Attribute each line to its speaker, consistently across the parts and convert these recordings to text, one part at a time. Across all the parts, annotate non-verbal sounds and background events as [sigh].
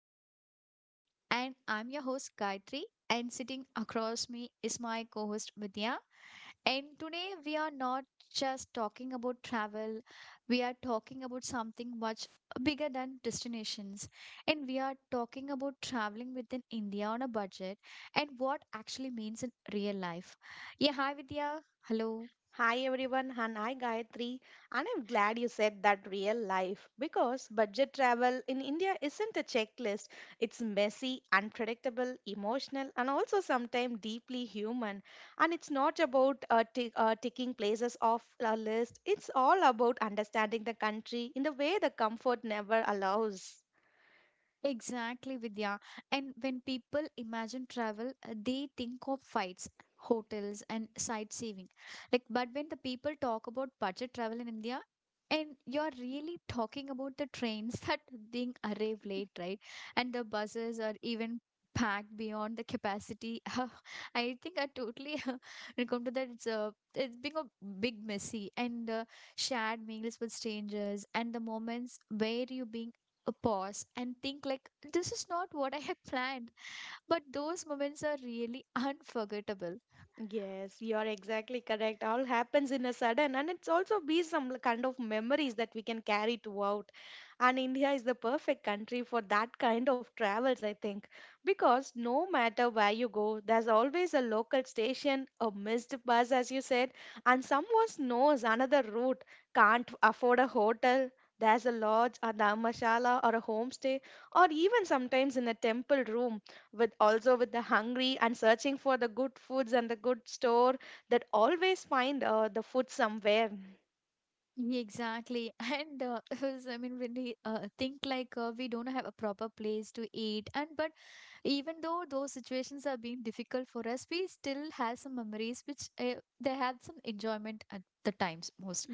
Speaker 1: Miles on a Budget, and I'm your host Gayatri. And sitting across me is my co-host Vidya. And today we are not just talking about travel; we are talking about something much bigger than destinations. And we are talking about traveling within India on a budget and what actually means in real life. Yeah, hi Vidya. Hello.
Speaker 2: Hi everyone, and I Gayatri, and I'm glad you said that real life because budget travel in India isn't a checklist. It's messy, unpredictable, emotional, and also sometimes deeply human. And it's not about ticking places off a list. It's all about understanding the country in the way the comfort never allows.
Speaker 1: Exactly, Vidya. And when people imagine travel, they think of flights, hotels, and sightseeing. Like, but when the people talk about budget travel in India, and you're really talking about the trains [laughs] that being arrive late, right? And the buses are even packed beyond the capacity. [laughs] I think I totally [laughs] when it comes to that. It's being a big messy and shared meals with strangers and the moments where you being a pause and think like this is not what I have planned. But those moments are really [laughs] unforgettable.
Speaker 2: Yes, you are exactly correct. All happens in a sudden, and it's also be some kind of memories that we can carry throughout. And India is the perfect country for that kind of travels, I think, because no matter where you go, there's always a local station, a missed bus, as you said, and someone knows another route, can't afford a hotel. There's a lodge, a dharmashala, or a homestay, or even sometimes in a temple room with also with the hungry and searching for the good foods and the good store that always find the food somewhere.
Speaker 1: Yeah, exactly, and [laughs] 'cause, I mean when we think like we don't have a proper place to eat, and but even though those situations are being difficult for us, we still have some memories which they have some enjoyment at the times most,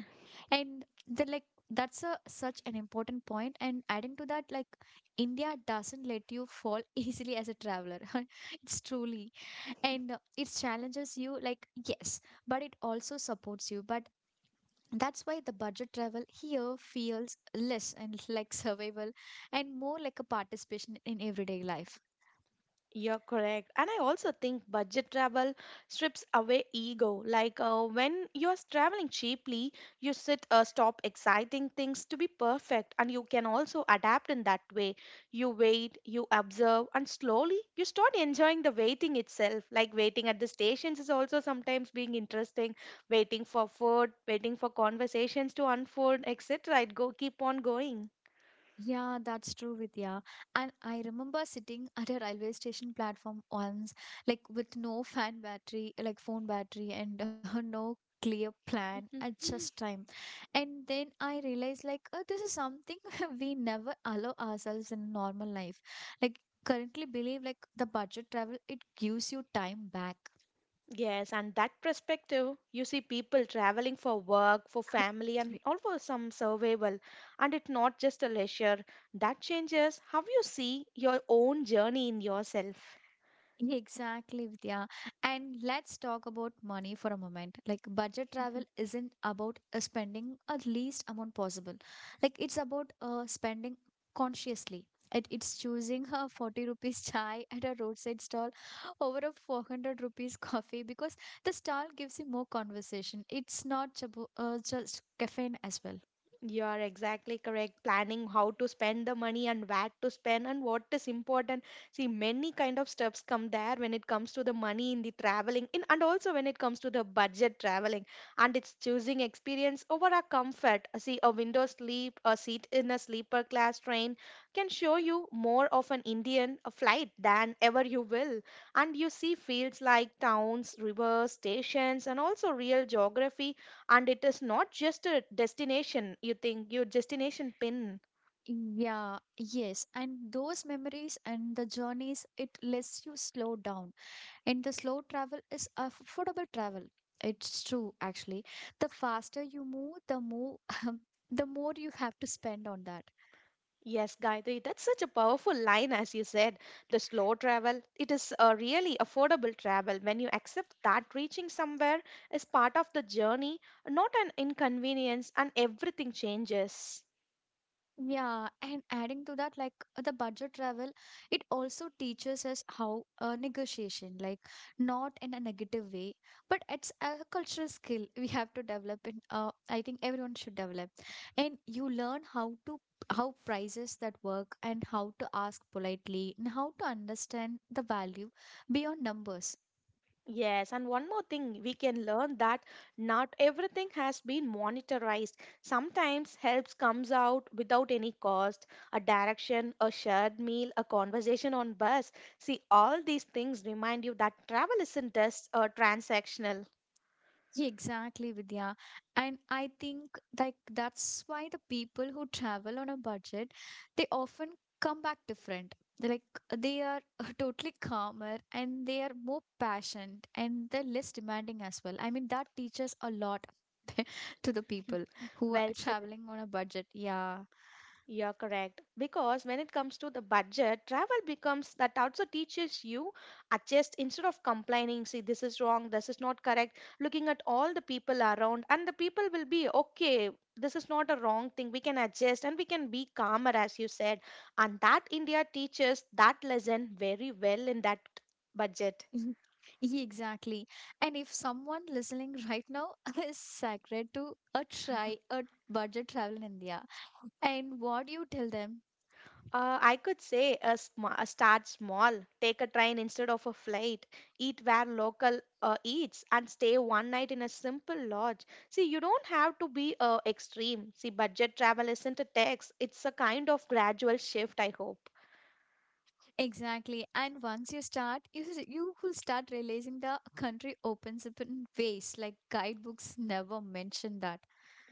Speaker 1: and they're like that's a such an important point. And adding to that, like India doesn't let you fall [laughs] easily as a traveler. [laughs] It's truly and it challenges you, like yes, but it also supports you, but that's why the budget travel here feels less and [laughs] like survival and more like a participation in everyday life.
Speaker 2: You're correct. And I also think budget travel strips away ego. Like, when you're traveling cheaply, you sit, stop exciting things to be perfect, and you can also adapt in that way. You wait, you observe, and slowly you start enjoying the waiting itself. Like waiting at the stations is also sometimes being interesting, waiting for food, waiting for conversations to unfold, etc. It go keep on going.
Speaker 1: Yeah, that's true, Vidya. And I remember sitting [laughs] at a railway station platform once, like with no fan battery, like phone battery, and [laughs] no clear plan and
Speaker 2: [laughs]
Speaker 1: just time. And then I realized like, oh, this is something [laughs] we never allow ourselves in normal life. Like currently believe like the budget travel, it gives you time back.
Speaker 2: Yes, and that perspective, you see people traveling for work, for family, and
Speaker 1: Sorry.
Speaker 2: all for some survival. And it's not just a leisure. That changes how you see your own journey in yourself.
Speaker 1: Exactly, Vidya. And let's talk about money for a moment. Like, budget travel isn't about spending a least amount possible. Like, it's about spending consciously. It's choosing a 40 rupees chai at a roadside stall over a 400 rupees [laughs] coffee because the stall gives you more conversation. It's not just caffeine as well.
Speaker 2: You are exactly correct. Planning how to spend the money and where to spend and what is important. See, many kind of steps come there when it comes to the money in the traveling, in, and also when it comes to the budget traveling. And it's choosing experience over a comfort. See, a window sleep, a seat in a sleeper class train can show you more of an Indian flight than ever you will. And you see fields like towns, rivers, stations, and also real geography, and it is not just a destination you think your destination pin.
Speaker 1: Yeah, yes. And those memories and the journeys, it lets you slow down. And the slow travel is affordable travel. It's true, actually. The faster you move, the more [laughs] the more you have to spend on that.
Speaker 2: Yes, Gayatri, that's such a powerful line. As you said, the slow travel it is a really affordable travel. When you accept that reaching somewhere is part of the journey, not an inconvenience, and everything changes.
Speaker 1: Yeah, and adding to that, like the budget travel, it also teaches us how negotiation, like not in a negative way, but it's a cultural skill we have to develop. And I think everyone should develop. And you learn how to how prices that work and how to ask politely and how to understand the value beyond numbers.
Speaker 2: Yes, and one more thing, we can learn that not everything has been monetized. Sometimes helps comes out without any cost, a direction, a shared meal, a conversation on bus. See, all these things remind you that travel isn't just transactional.
Speaker 1: Yeah, exactly, Vidya. And I think like that's why the people who travel on a budget, they often come back different. They're like they are [laughs] totally calmer and they are more patient and they're less demanding as well. I mean, that teaches a lot to the
Speaker 2: [laughs]
Speaker 1: people who are
Speaker 2: Well said.
Speaker 1: traveling on a budget. Yeah. [laughs]
Speaker 2: You're correct. Because when it comes to the budget, travel becomes that also teaches you adjust instead of complaining, see, this is wrong, this is not correct, looking at all the people around, and the people will be okay, this is not a wrong thing, we can adjust and we can be calmer, as you said. And that India teaches that lesson very well in that budget.
Speaker 1: Mhm. Yeah, exactly. And if someone listening right now [laughs] is sacred to a try a budget travel in India, and what do you tell them?
Speaker 2: I could say a, sma a start small, take a train instead of a flight, eat where local eats, and stay one night in a simple lodge. See, you don't have to be extreme. See, budget travel isn't a tax, it's a kind of gradual shift, I hope.
Speaker 1: Exactly. And once you start, you, you will start realizing the country opens up in ways like guidebooks never mention that.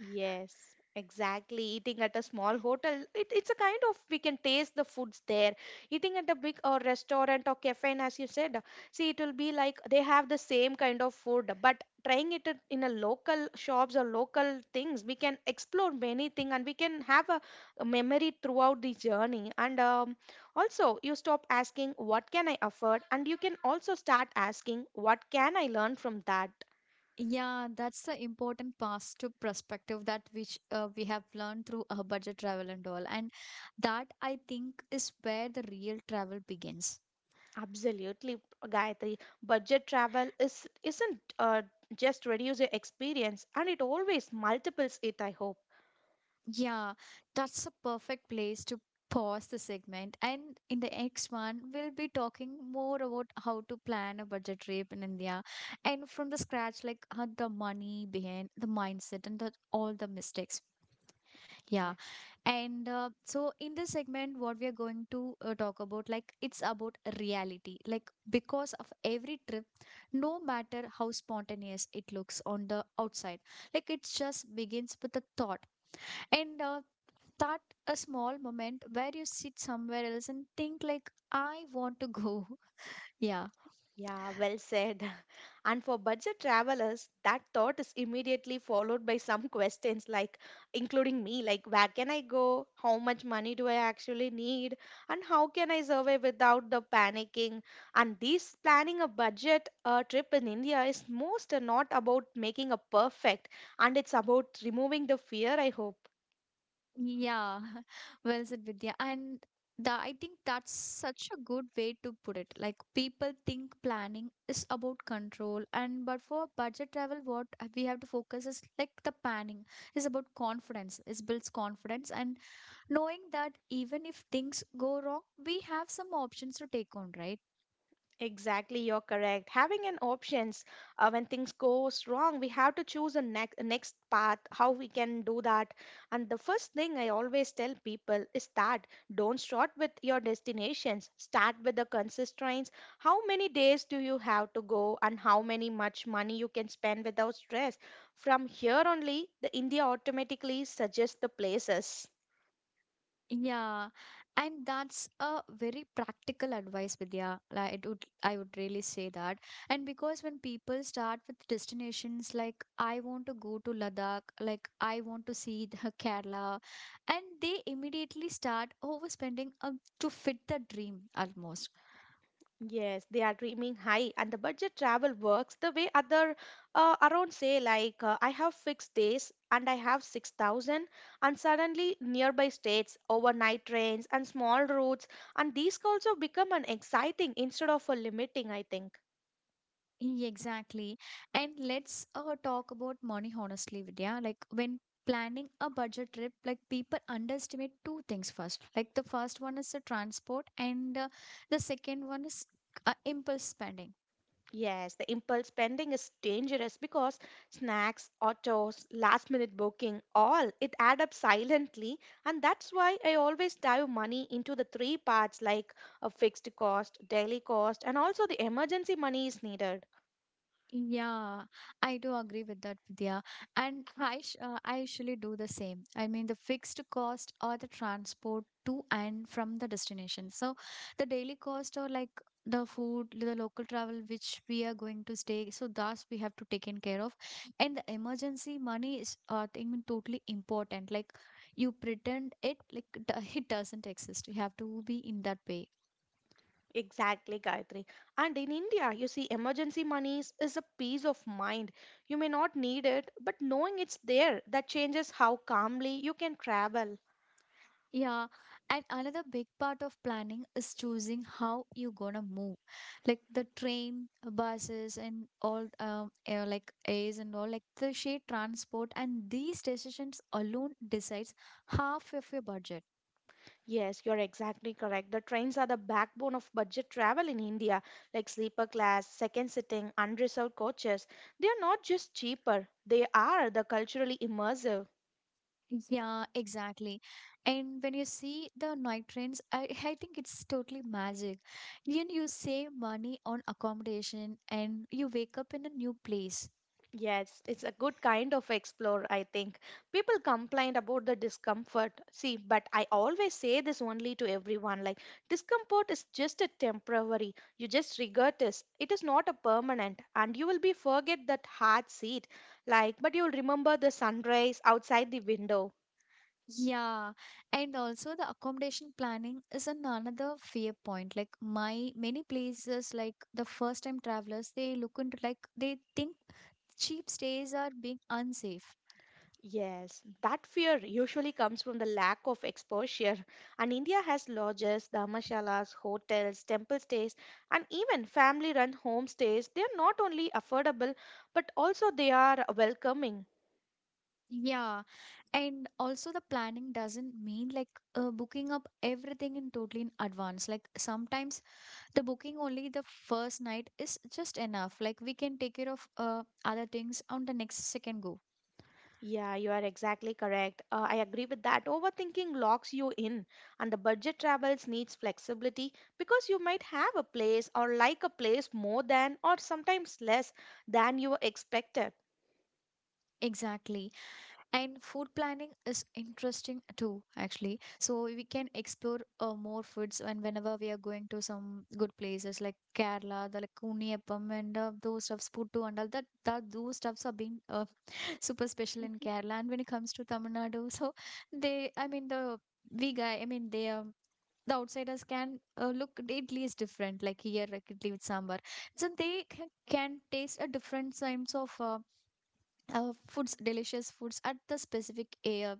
Speaker 2: Yes, exactly. Eating at a small hotel, it, it's a kind of we can taste the foods there. Eating at a big or restaurant or cafe, and as you said, see, it will be like they have the same kind of food, but trying it at- in a local shops or local things, we can explore many things and we can have a memory throughout the journey. And also, you stop asking, what can I afford? And you can also start asking, what can I learn from that?
Speaker 1: Yeah, that's the important pass to perspective that which we have learned through our budget travel and all. And that I think is where the real travel begins.
Speaker 2: Absolutely, Gayatri. Budget travel is isn't just reduce your experience, and it always multiples it. I hope.
Speaker 1: Yeah, that's a perfect place to pause the segment. And in the next one, we'll be talking more about how to plan a budget trip in India and from the scratch, like how the money behind the mindset and the, all the mistakes. Yeah.
Speaker 2: Yes.
Speaker 1: And so in this segment, what we are going to talk about, like it's about reality. Like because of every trip, no matter how spontaneous it looks on the outside, like it just begins with a thought and start a small moment where you sit somewhere else and think like I want to go [laughs] yeah.
Speaker 2: Yeah, well said. [laughs] And for budget travelers, that thought is immediately followed by some [laughs] questions like, including me, like, where can I go? How much money do I actually need? And how can I survive without the panicking? And this planning a budget trip in India is most not about making a perfect, and it's about removing the fear, I hope.
Speaker 1: Yeah. [laughs] Well said, Vidya. And the, I think that's such a good way to put it. Like people think planning is about control and but for budget travel what we have to focus is like the planning is about confidence. It builds confidence and knowing that even if things go wrong, we have some options to take on, right?
Speaker 2: Exactly, you're correct. Having an options when things goes wrong, we have to choose a next path. How we can do that? And the first thing I always tell people is that don't start with your destinations. Start with the constraints. How many days do you have to go, and how many much money you can spend without stress? From here only, the India automatically suggests the places.
Speaker 1: Yeah, and that's a very practical advice, Vidya. Like it would, I would really say that. And because when people start with destinations, like I want to go to Ladakh, like I want to see the [laughs] Kerala, and they immediately start overspending to fit the dream almost.
Speaker 2: Yes, they are dreaming high, and the budget travel works the way other around say like I have fixed days and I have 6,000, and suddenly nearby states, overnight trains and small routes and these also become an exciting instead of a limiting, I think.
Speaker 1: Yeah, exactly. And let's talk about money honestly, Vidya. Like when planning a budget trip, like people underestimate two things first. Like the first one is the transport, and the second one is impulse spending.
Speaker 2: Yes, the impulse spending is dangerous because snacks, autos, last minute booking, all it add up silently, and that's why I always dive money into the three parts like a fixed cost, daily cost and also the emergency money is needed.
Speaker 1: Yeah, I do agree with that, Vidya. And I, I usually do the same. I mean, the fixed cost or the transport to and from the destination. So the daily cost or like the food, the local travel which we are going to stay. So thus we have to take in care of. And the emergency money is thing totally important. Like you pretend it like [laughs] it doesn't exist. You have to be in that way.
Speaker 2: Exactly, Gayatri. And in India, you see emergency monies is a peace of mind. You may not need it, but knowing it's there that changes how calmly you can travel.
Speaker 1: Yeah, and another big part of planning is choosing how you're gonna move, like the train, buses, and all, like A's and all, like the shared transport, and these decisions alone decides half of your budget.
Speaker 2: Yes, you're exactly correct. The trains are the backbone of budget travel in India, like sleeper class, second sitting, unreserved coaches. They are not just cheaper, they are the culturally immersive.
Speaker 1: Yeah, exactly. And when you see the night trains, I, [laughs] I think it's totally magic. You save money on accommodation, and you wake up in a new place.
Speaker 2: Yes, it's a good kind of explore, I think. People complain about the discomfort. See, but I always say this only to everyone like, discomfort is just a temporary. You just regret this. It is not a permanent. And you will be forget that hard seat. Like, but you will remember the sunrise outside the window.
Speaker 1: Yeah, and also the accommodation planning is an another fear point. Like my many places, like the first time travelers, they look into like they think cheap stays are being unsafe.
Speaker 2: Yes, that fear usually comes from the lack of exposure. And India has lodges, dharmashalas, hotels, temple stays, and even family run homestays. They are not only affordable, but also they are welcoming.
Speaker 1: Yeah, and also the planning doesn't mean like booking up everything in totally in advance. Like sometimes the booking only the first night is just enough. Like we can take care of other things on the next second go.
Speaker 2: Yeah, you are exactly correct. I agree with that. Overthinking locks you in, and the budget travels needs flexibility because you might have a place or like a place more than or sometimes less than you expected.
Speaker 1: Exactly. And food planning is interesting too, actually. So we can explore more foods and whenever we are going to some good places like Kerala, the like Kuniyappam and those stuffs, Puttu and all that, that those stuffs are being [laughs] super special in Kerala. And when it comes to Tamil Nadu, [laughs] so they, I mean the we guy, I mean they the outsiders can look idli is different like here like idli with sambar, so they can taste a different kinds of foods delicious foods at the specific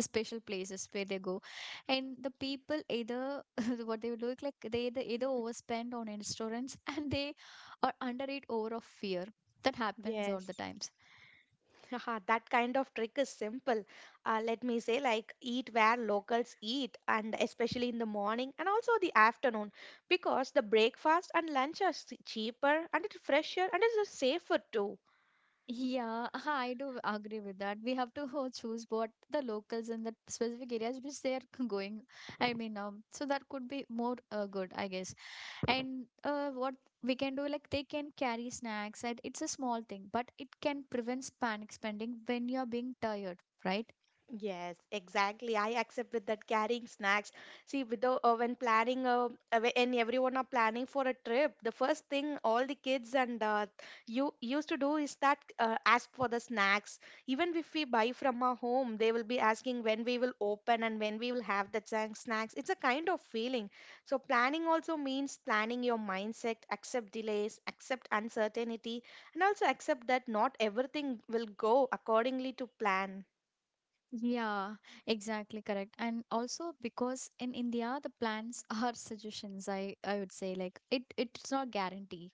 Speaker 1: special places where they go, and the people either [laughs] what they would do like they either, either overspend on restaurants [laughs] and they are undereat over of fear. That happens all the
Speaker 2: Yes.
Speaker 1: times.
Speaker 2: Haha, that kind of trick is simple. Let me say, like, eat where locals eat, and especially in the morning and also the afternoon, because the breakfast and lunch are s- cheaper and it's fresher and it's safer too.
Speaker 1: Yeah, [laughs] I do agree with that. We have to [laughs] choose what the locals in the specific areas which they are [laughs] going. I mean, so that could be more good, I guess. And what we can do like they can carry snacks and it's a small thing but it can prevent panic spending when you're being tired, right?
Speaker 2: Yes, exactly. I accept with that carrying snacks. See, without when planning, when everyone are planning for a trip, the first thing all the kids and you used to do is that ask for the snacks. Even if we buy from our home, they will be asking when we will open and when we will have the snacks. It's a kind of feeling. So planning also means planning your mindset, accept delays, accept uncertainty, and also accept that not everything will go accordingly to plan.
Speaker 1: Yeah, exactly correct. And also because in India the plans [laughs] are suggestions, I would say, like it it's not guarantee.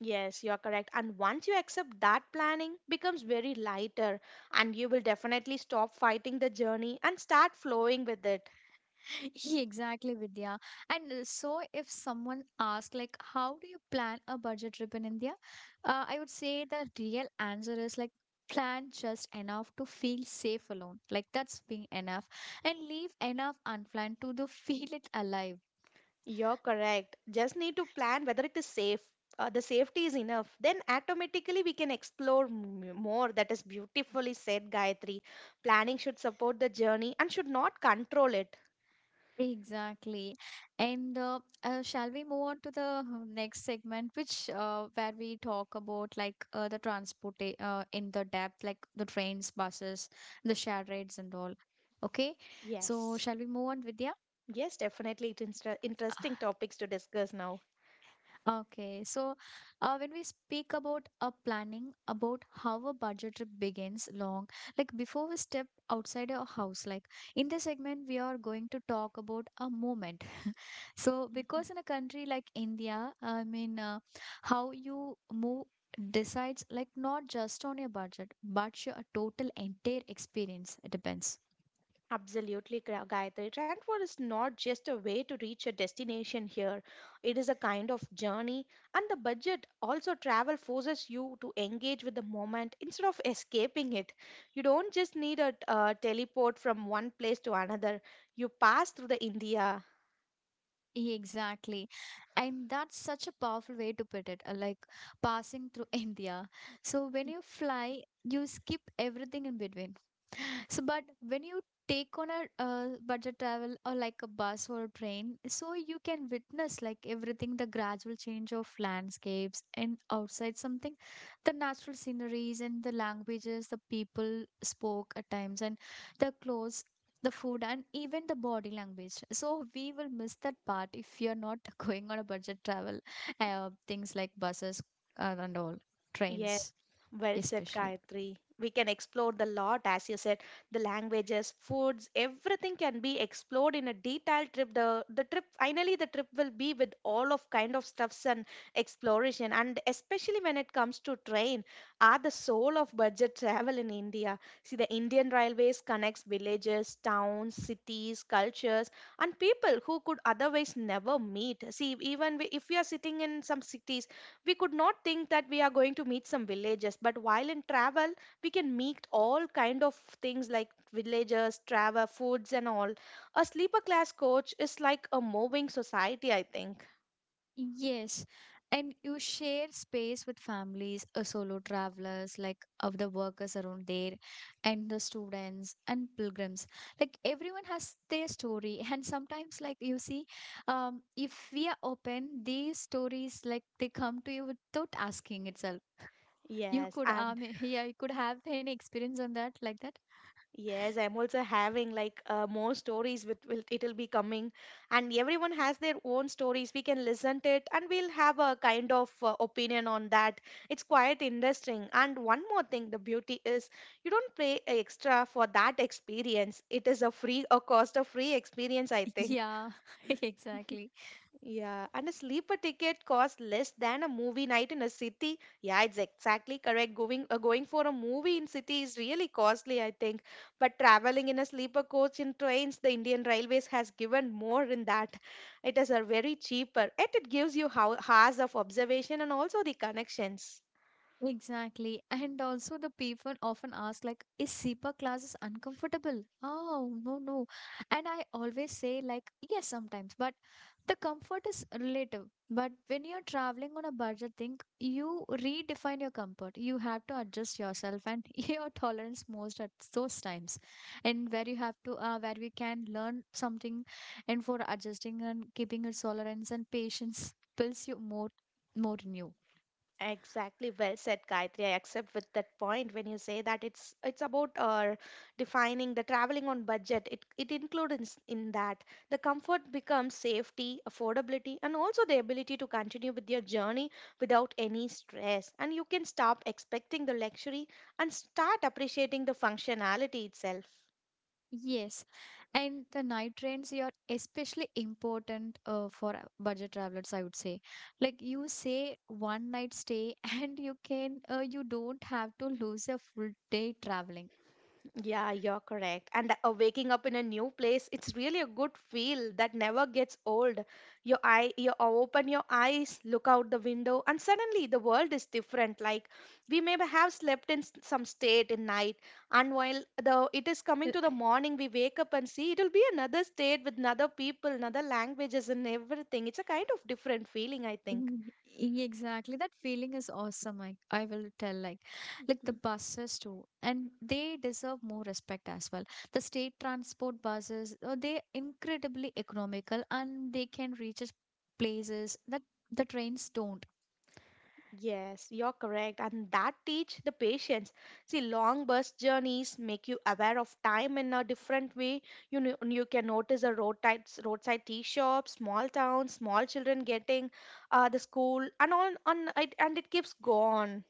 Speaker 2: Yes, you're correct. And once you accept that planning becomes very lighter and you will definitely stop fighting the journey and start flowing with it.
Speaker 1: [laughs] Exactly, Vidya. And so, if someone asks, like, how do you plan a budget trip in India? I would say the real answer is like, plan just enough to feel safe alone. Like, that's being enough. And leave enough unplanned to the [laughs] feel it alive.
Speaker 2: You're correct. Just need to plan whether it is safe. The safety is enough. Then automatically we can explore more. That is beautifully said, Gayatri. Planning should support the journey and should not control it.
Speaker 1: Exactly. And shall we move on to the next segment, which where we talk about like the transport in the depth, like the trains, buses, the shared rides and all. Okay. So
Speaker 2: Yes.
Speaker 1: shall we move on, Vidya?
Speaker 2: Yes, definitely. It's interesting
Speaker 1: Ah,
Speaker 2: topics to discuss now.
Speaker 1: okay. So when we speak about a planning, about how a budget trip begins long, like before we step outside our house, like in this segment, we are going to talk about a moment. So, because in a country like India, I mean, how you move decides like not just on your budget, but your total entire experience. It depends.
Speaker 2: Absolutely, Gayatri. Transport is not just a way to reach a destination here. It is a kind of journey, and the budget also travel forces you to engage with the moment instead of escaping it. You don't just need a teleport from one place to another, you pass through the India.
Speaker 1: Exactly. And that's such a powerful way to put it, like passing through [laughs] India. So, when you fly, you skip everything in between. So, but when you take on a budget travel or like a bus or a train, so you can witness like everything, the gradual change of landscapes and outside something, the natural sceneries and the languages the people spoke at times, and the clothes, the food, and even the body language. So, we will miss that part if you're not [laughs] going on a budget travel, things like buses and all,
Speaker 2: Yes.
Speaker 1: trains,
Speaker 2: Well said,
Speaker 1: especially.
Speaker 2: Gayatri. We can explore the lot, as you said, the languages, foods, everything can be explored in a detailed trip. The trip, finally the trip will be with all of kind of stuffs and exploration, and especially when it comes to train, are the soul of budget travel in India. See, the Indian Railways connects villages, towns, cities, cultures, and people who could otherwise never meet. See, even if we are sitting in some cities we could not think that we are going to meet some villagers, but while in travel, we can meet all kind of things like villagers, travel, foods and all. A sleeper class coach is like a moving society, I think.
Speaker 1: Yes, and you share space with families, solo travelers, like of the workers around there, and the students and pilgrims. Like everyone has their story, [laughs] and sometimes, like you see, if we are open, these stories like they come to you without asking itself. You
Speaker 2: Yes,
Speaker 1: could
Speaker 2: and.
Speaker 1: [laughs] yeah, you could have any experience on that like that.
Speaker 2: Yes, I'm also having like more stories with will it'll be coming, and everyone has their own stories. We can listen to it, and we'll have a kind of opinion on that. It's quite interesting. And one more thing, the beauty is you don't pay extra for that experience. It is a free, a cost of free experience, I think.
Speaker 1: Yeah, [laughs] exactly.
Speaker 2: Yeah, and a sleeper ticket costs less than a movie night in a city. Yeah, it's exactly correct. Going going for a movie in city is really costly, I think. But traveling in a sleeper coach in trains, the Indian Railways has given more in that. It is a very cheaper, and it gives you how hours of observation and also the connections.
Speaker 1: Exactly. And also the people often ask like, is SEPA classes uncomfortable? Oh, no, no. And I always say like, yes, sometimes, but the comfort is relative. But when you're traveling on a budget thing, you redefine your comfort. You have to adjust yourself and [laughs] your tolerance most at those times. And where you have to, where we can learn something and for adjusting and keeping your tolerance and patience builds you more in you.
Speaker 2: Exactly, well said, Gayatri. I accept with that point when you say that it's about defining the traveling on budget. It includes in that the comfort becomes safety, affordability, and also the ability to continue with your journey without any stress. And you can stop expecting the luxury and start appreciating the functionality itself.
Speaker 1: Yes, and the night trains are especially important for budget travelers, I would say. Like you say, one night stay, [laughs] and you don't have to lose a full day traveling.
Speaker 2: Yeah, you're correct. Waking up in a new place, it's really a good feel that never gets old. Your eye, you open your eyes, look out the window, and suddenly the world is different. Like we may have slept in some state in night, and while the it is coming
Speaker 1: Uh,
Speaker 2: to the morning, we wake up and see it'll be another state with another people, another languages, and everything. It's a kind of different feeling, I think.
Speaker 1: mm, Exactly, that feeling is awesome. I will tell like the buses too, and they deserve more respect as well. The state transport buses, they incredibly economical, and they can reach us places that the trains don't.
Speaker 2: Yes, you're correct. And that teach the patience. See, long bus journeys make you aware of time in a different way. You know, you can notice the roadside tea shops, small towns, small children getting the school, and on it, and it keeps going.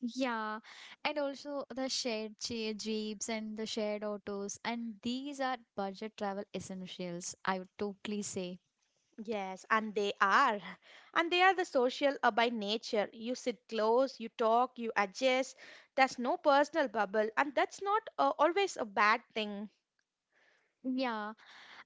Speaker 1: Yeah, and also the shared jeeps and the shared autos, and these are budget travel essentials, I would totally say.
Speaker 2: Yes, and they are, [laughs] and they are the social by nature. You sit close, you talk, you adjust. There's no personal bubble, and that's not always a bad thing.
Speaker 1: Yeah,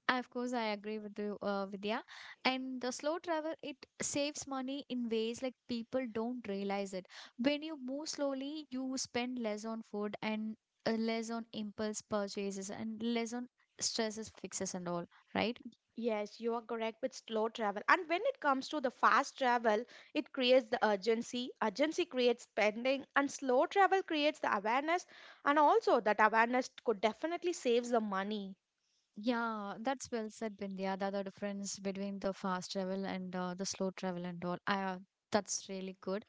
Speaker 1: of course, I agree with you, Vidya. And the slow travel, it saves money in ways like people don't realize it. When you move slowly, you spend less on food and less on impulse purchases and less on stresses fixes and all, right?
Speaker 2: Yes, you are correct with slow travel. And when it comes to the fast travel, it creates the urgency. Urgency creates spending, and slow travel creates the awareness. And also, that awareness could definitely saves the money.
Speaker 1: Yeah, that's well said, Bindya. The difference between the fast travel and the slow travel and all. That's really good.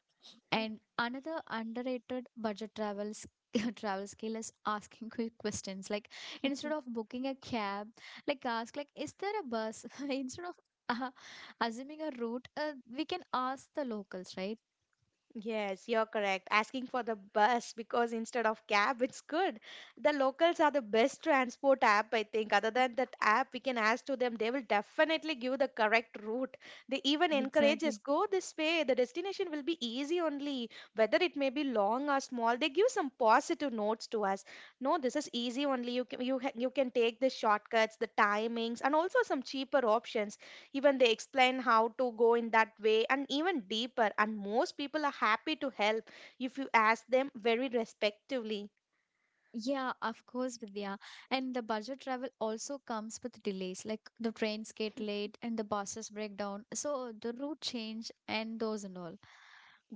Speaker 1: And another underrated budget travels [laughs] travel skill is asking quick questions. Like instead
Speaker 2: [laughs]
Speaker 1: of booking a cab, like ask like, is there a bus? [laughs] Instead of uh, assuming a route, we can ask the locals, right?
Speaker 2: Yes, you're correct. Asking for the bus [laughs] because instead of cab, it's good. The locals are the best transport app, I think. Other than that app, we can ask to them. They will definitely give the correct route. They even encourage us,
Speaker 1: Exactly.
Speaker 2: go this way. The destination will be easy only. Whether it may be long or small, they give some positive notes to us. No, this is easy only. You can, you, you can take the shortcuts, the timings, and also some cheaper options, even they explain how to go in that way and even deeper, and most people are happy to help if you ask them very respectively.
Speaker 1: Yeah, of course, Vidya. And the budget travel also comes with delays, like the trains get late and the buses break down. So the route change and those and all.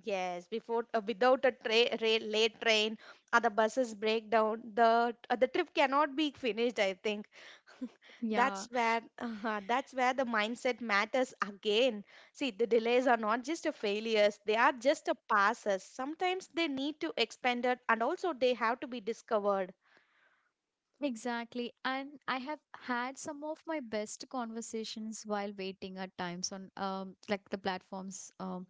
Speaker 2: Yes, before, without a late train or the buses break down, the trip cannot be finished, I think.
Speaker 1: Yeah,
Speaker 2: That's where [laughs] that's where the mindset matters again. See, the delays are not just a failures, they are just a passes, sometimes they need to expand it and also they have to be discovered.
Speaker 1: exactly. And I have had some of my best conversations while waiting at times on like the platforms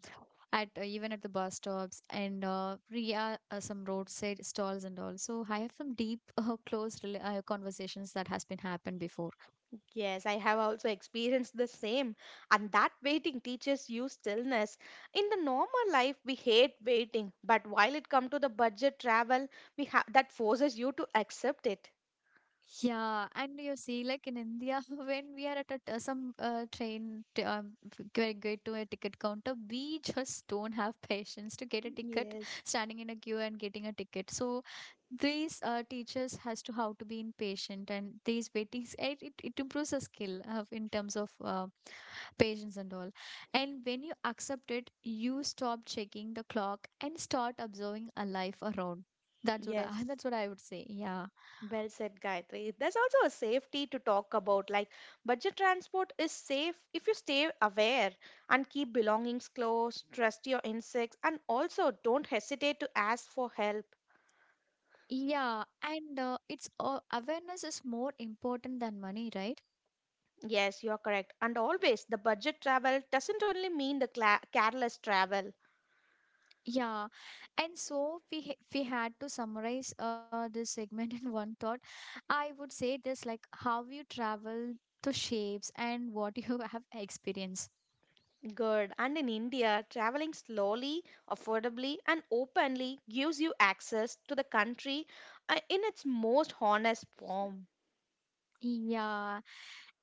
Speaker 1: at even at the bus stops and Ria some roadside stalls and all. So I have some deep [laughs] close conversations that has been happened before.
Speaker 2: Yes, I have also experienced the same. And that waiting teaches you stillness. In the normal life, we hate waiting, but while it comes to the budget travel, that forces you to accept it.
Speaker 1: Yeah, and you see, like in India, [laughs] when we are at some train, t- f- g- get to a ticket counter, we just don't have [laughs] patience to get a ticket,
Speaker 2: Yes,
Speaker 1: standing in a queue and getting a ticket. So these teachers has to how to be impatient, and these waitings, it improves a skill in terms of patience and all. And when you accept it, you stop checking the clock and start observing a life around. That's what I, [laughs]
Speaker 2: yes.
Speaker 1: That's what I would say. Yeah.
Speaker 2: Well said, Gayatri. There's also a safety to talk about. Like, budget transport is safe if you stay aware and keep belongings close, trust your instincts, and also don't hesitate to ask for help.
Speaker 1: Yeah, and it's awareness is more important than money, right?
Speaker 2: Yes, you're correct. And always, the budget travel doesn't only mean the cla careless travel.
Speaker 1: Yeah, and we had to summarize this segment [laughs] in one thought. I would say this like how you travel, to shapes, and what [laughs] you have experienced.
Speaker 2: Good. And in India, traveling slowly, affordably, and openly gives you access to the country in its most honest form.
Speaker 1: Yeah.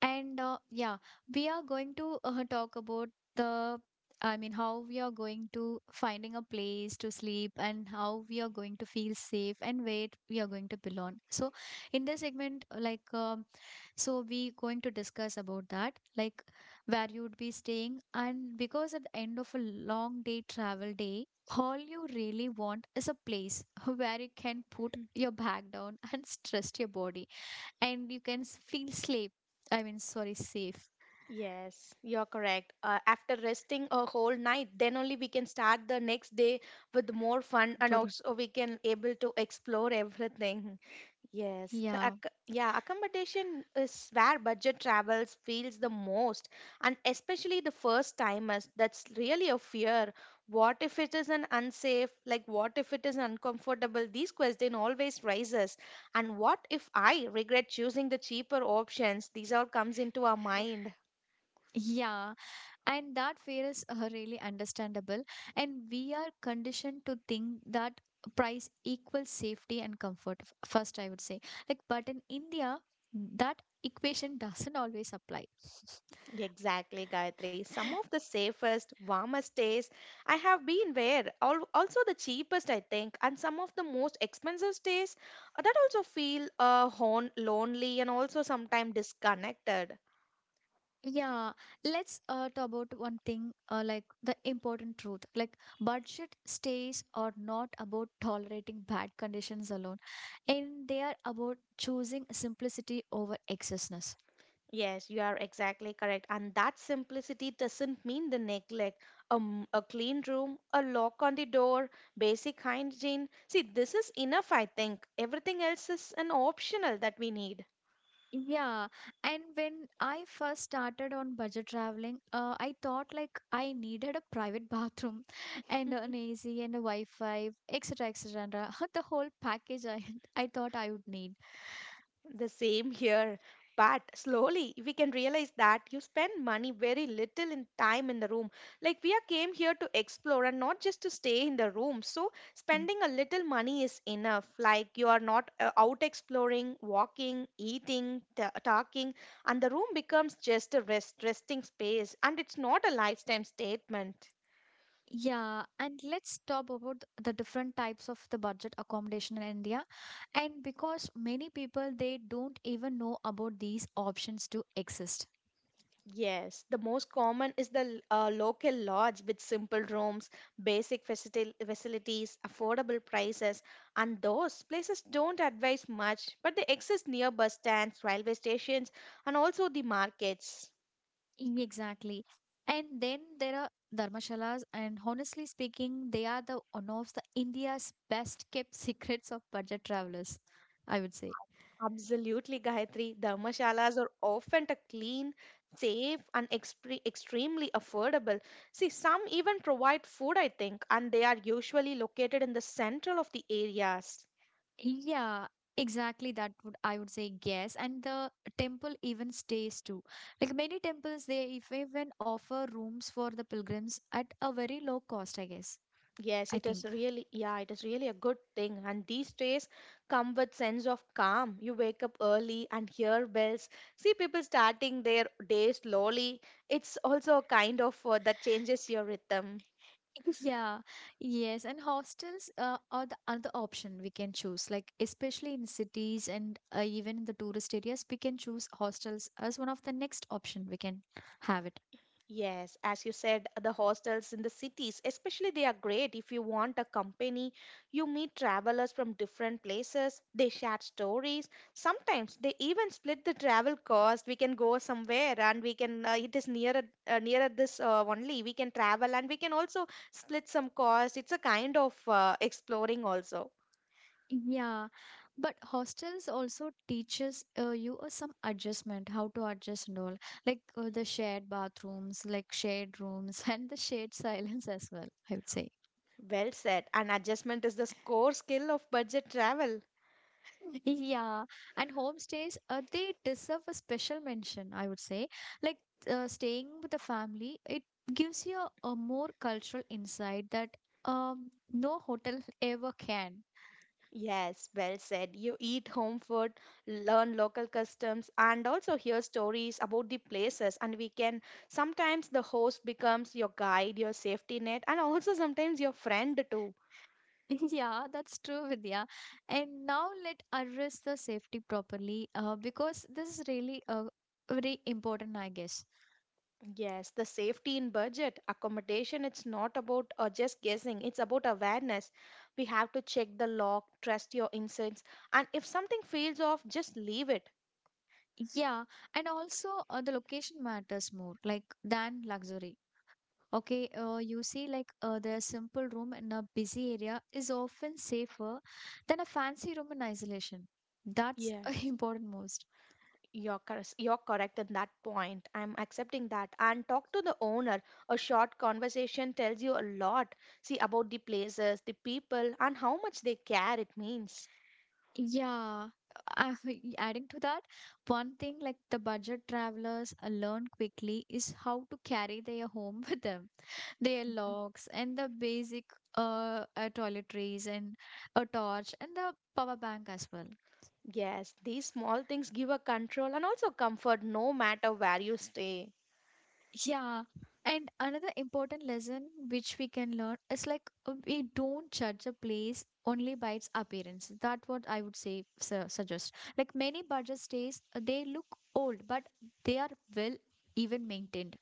Speaker 1: And uh, yeah, we are going to talk about the, I mean, how we are going to finding a place to sleep and how we are going to feel safe and where we are going to belong. So, in this segment, like, so we going to discuss about that, like where you would be staying. And because at the end of a long day travel day, all you really want is a place [laughs] where you can put your bag down and [laughs] stress your body and you can feel sleep. I mean, sorry, safe.
Speaker 2: Yes, you're correct. After resting a whole night, then only we can start the next day with more fun, and
Speaker 1: Totally.
Speaker 2: also we can able to explore everything. Yes, the
Speaker 1: Yeah.
Speaker 2: yeah, accommodation is where budget travels feels the most, and especially the first timers. That's really a fear. What if it is an unsafe? Like, what if it is uncomfortable? These question always rises. And what if I regret choosing the cheaper options? These all comes into our mind.
Speaker 1: Yeah, and that fear is really understandable. And we are conditioned to think that price equals safety and comfort, first, I would say. Like, but in India, that equation doesn't always apply.
Speaker 2: Exactly, Gayatri. Some of the safest,
Speaker 1: [laughs]
Speaker 2: warmest stays I have been where, also the cheapest, I think, and some of the most expensive stays that also feel lonely and also sometimes disconnected.
Speaker 1: Yeah, let's talk about one thing like the important truth. Like, budget stays are not about tolerating bad conditions alone, and they are about choosing simplicity over excessiveness.
Speaker 2: Yes, you are exactly correct. And that simplicity doesn't mean the neglect. A clean room, a lock on the door, basic hygiene. See, this is enough, I think. Everything else is an optional that we need.
Speaker 1: Yeah, and when I first started on budget traveling, I thought like I needed a private bathroom [laughs] and an AC and a Wi-Fi, etc., etc. [laughs] The whole package I thought I would need.
Speaker 2: The same here. But slowly we can realize that you spend money very little in time in the room. Like we are came here to explore and not just to stay in the room. So spending a little money is enough. Like you are not out exploring, walking, eating, ta talking, and the room becomes just a resting space. And it's not a lifetime statement.
Speaker 1: Yeah, and let's talk about the different types of the budget accommodation in India. And because many people they don't even know about these options to exist.
Speaker 2: Yes, the most common is the local lodge with simple rooms, facilities, affordable prices, and those places don't advise much, but they exist near bus stands, railway stations, and also the markets.
Speaker 1: Exactly. And then there are dharmashalas, and honestly speaking, they are the one of the India's best kept [laughs] secrets of budget travelers, I would say.
Speaker 2: Absolutely, Gayatri. Dharmashalas are often a clean, safe, and extremely affordable. See, some even provide food, I think, and they are usually located in the central of the areas.
Speaker 1: Yeah, exactly. That would I would say yes. And the temple even stays too. Like many temples, they if even offer rooms for the pilgrims at a very low cost, I guess.
Speaker 2: Yes,
Speaker 1: I
Speaker 2: it is
Speaker 1: think.
Speaker 2: really, yeah, it is really a good thing. And these days come with sense of calm. You wake up early and hear bells. See people starting their day slowly. It's also a kind of that changes your rhythm.
Speaker 1: [laughs] Yeah, yes, and hostels are the other option we can choose. Like especially in cities and even in the tourist areas, we can choose hostels as one of the next option we can have it.
Speaker 2: Yes, as you said, the hostels in the cities, especially, they are great if you want a company. You meet travelers from different places, they share stories. Sometimes they even split the travel cost. We can go somewhere and we can, it is nearer, nearer this only. We can travel and we can also split some cost. It's a kind of exploring also.
Speaker 1: Yeah, but hostels also teaches you some adjustment, how to adjust and all, like the shared bathrooms, like shared rooms, [laughs] and the shared silence as well, I would say.
Speaker 2: Well said. And adjustment is the core skill of budget travel.
Speaker 1: Yeah, and homestays, they deserve a special mention, I would say. Like staying with the family, it gives you a more cultural insight that no hotel [laughs] ever can.
Speaker 2: Yes, well said. You eat home food, learn local customs, and also hear stories about the places. And we can sometimes the host becomes your guide, your safety net, and also sometimes your friend too.
Speaker 1: [laughs] Yeah, that's true, Vidya. And now let address the safety properly, because this is really very important, I guess.
Speaker 2: Yes, the safety in budget accommodation. It's not about just guessing, it's about awareness. We have to check the log, trust your instincts, and if something feels off, just leave it.
Speaker 1: Yeah, and also the location matters more, like than luxury. Okay, you see, like the simple room in a busy area is often safer than a fancy room in isolation. That's [laughs]
Speaker 2: Yes.
Speaker 1: important most.
Speaker 2: You're correct in that point. I'm accepting that. And talk to the owner. A short conversation tells you a lot. See about the places, the people, and how much they care it means.
Speaker 1: Yeah, I, [laughs] adding to that, one thing like the budget travelers learn quickly is how to carry their home [laughs] with them, their logs and the basic toiletries and a torch and the power bank as well.
Speaker 2: Yes, these small things give a control and also comfort no matter where you stay.
Speaker 1: Yeah. And another important lesson which we can learn is like we don't judge a place only by its appearance. That's what I would say suggest. Like many budget stays, they look old, but they are well even maintained.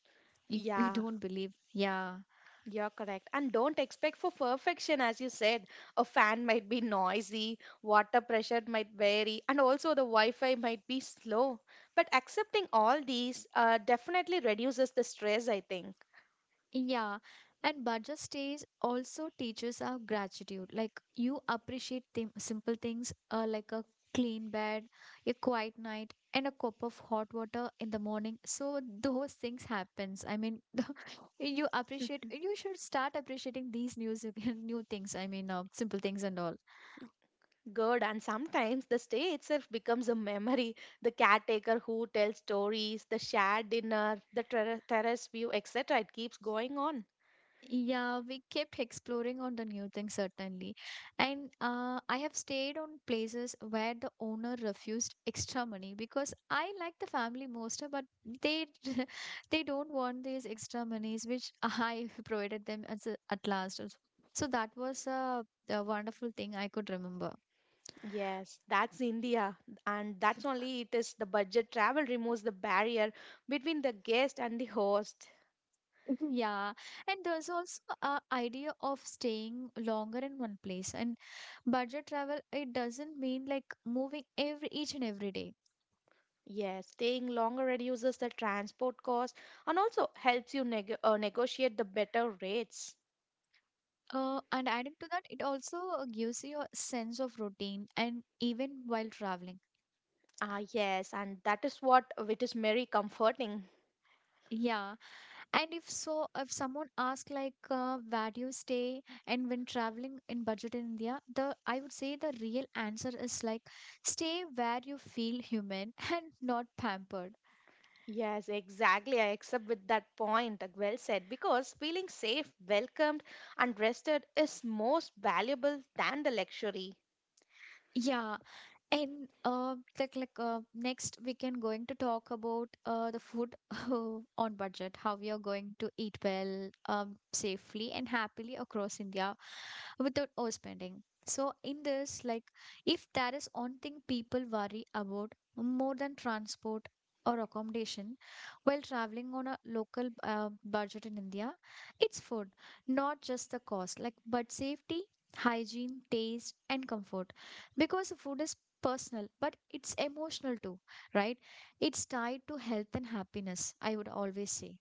Speaker 1: You
Speaker 2: Yeah.
Speaker 1: don't believe. Yeah.
Speaker 2: You're correct. And don't expect for perfection, as you said. A fan might be noisy, water pressure might vary, and also the Wi Fi might be slow. But accepting all these definitely reduces the stress, I think.
Speaker 1: Yeah, and budget stays also teaches our gratitude. Like you appreciate thim simple things like a clean bed, a quiet night, and a cup of hot water in the morning. So those things happens. I mean, [laughs] you appreciate. You should start appreciating these new [laughs] new things. I mean, simple things and all.
Speaker 2: Good. And sometimes the stay itself becomes a memory. The caretaker who tells stories, the shared dinner, the terrace view, etc. It keeps going on.
Speaker 1: Yeah, we kept exploring on the new things certainly. And I have stayed on places where the owner refused extra money because I like the family most, but they [laughs] they don't want these extra monies which I [laughs] provided them as a, at last. Also. So that was a wonderful thing I could remember.
Speaker 2: Yes, that's India, and that's only it is the budget travel removes the barrier between the guest and the host.
Speaker 1: [laughs] Yeah, and there's also a idea of staying longer in one place. And budget travel, it doesn't mean like moving every each and every day.
Speaker 2: Yes, staying longer reduces the transport cost and also helps you negotiate the better rates.
Speaker 1: And adding to that, it also gives you a sense of routine and even while traveling.
Speaker 2: Ah, yes, and that is what it is very comforting.
Speaker 1: Yeah. And if so, if someone asks like where do you stay and when traveling in budget in India, the I would say the real answer is like stay where you feel human [laughs] and not pampered.
Speaker 2: Yes, exactly. I accept with that point. Like, well said. Because feeling safe, welcomed, and rested is most valuable than the luxury.
Speaker 1: Yeah. And like Next we can going to talk about the food [laughs] on budget, how we are going to eat well, safely and happily across India without overspending. So in this, like, if there is one thing people worry about more than transport or accommodation while traveling on a local budget in India, it's food. Not just the cost, like, but safety, hygiene, taste, and comfort, because food is personal but it's emotional too, right? It's tied to health and happiness, I would always say.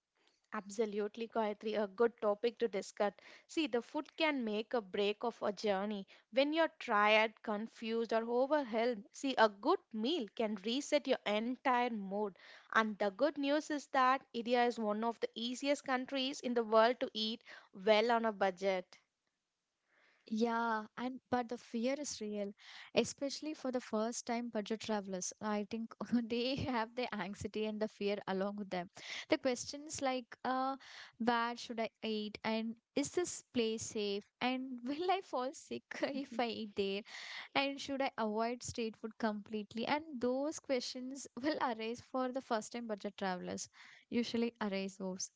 Speaker 2: Absolutely, Gayatri, a good topic to discuss. See, the food can make a break of a journey. When you're tired, confused, or overwhelmed, see, a good meal can reset your entire mood. And the good news is that India is one of the easiest countries in the world to eat well on a budget.
Speaker 1: Yeah, and but the fear is real, especially for the first time budget travelers, I think. [laughs] They have the anxiety and the fear along with them. The questions like where should I eat, and is this place safe, and [laughs] will I fall sick [laughs] if I eat there, and should I avoid street food completely? And those questions [laughs] will arise for the first time budget travelers, usually arise those.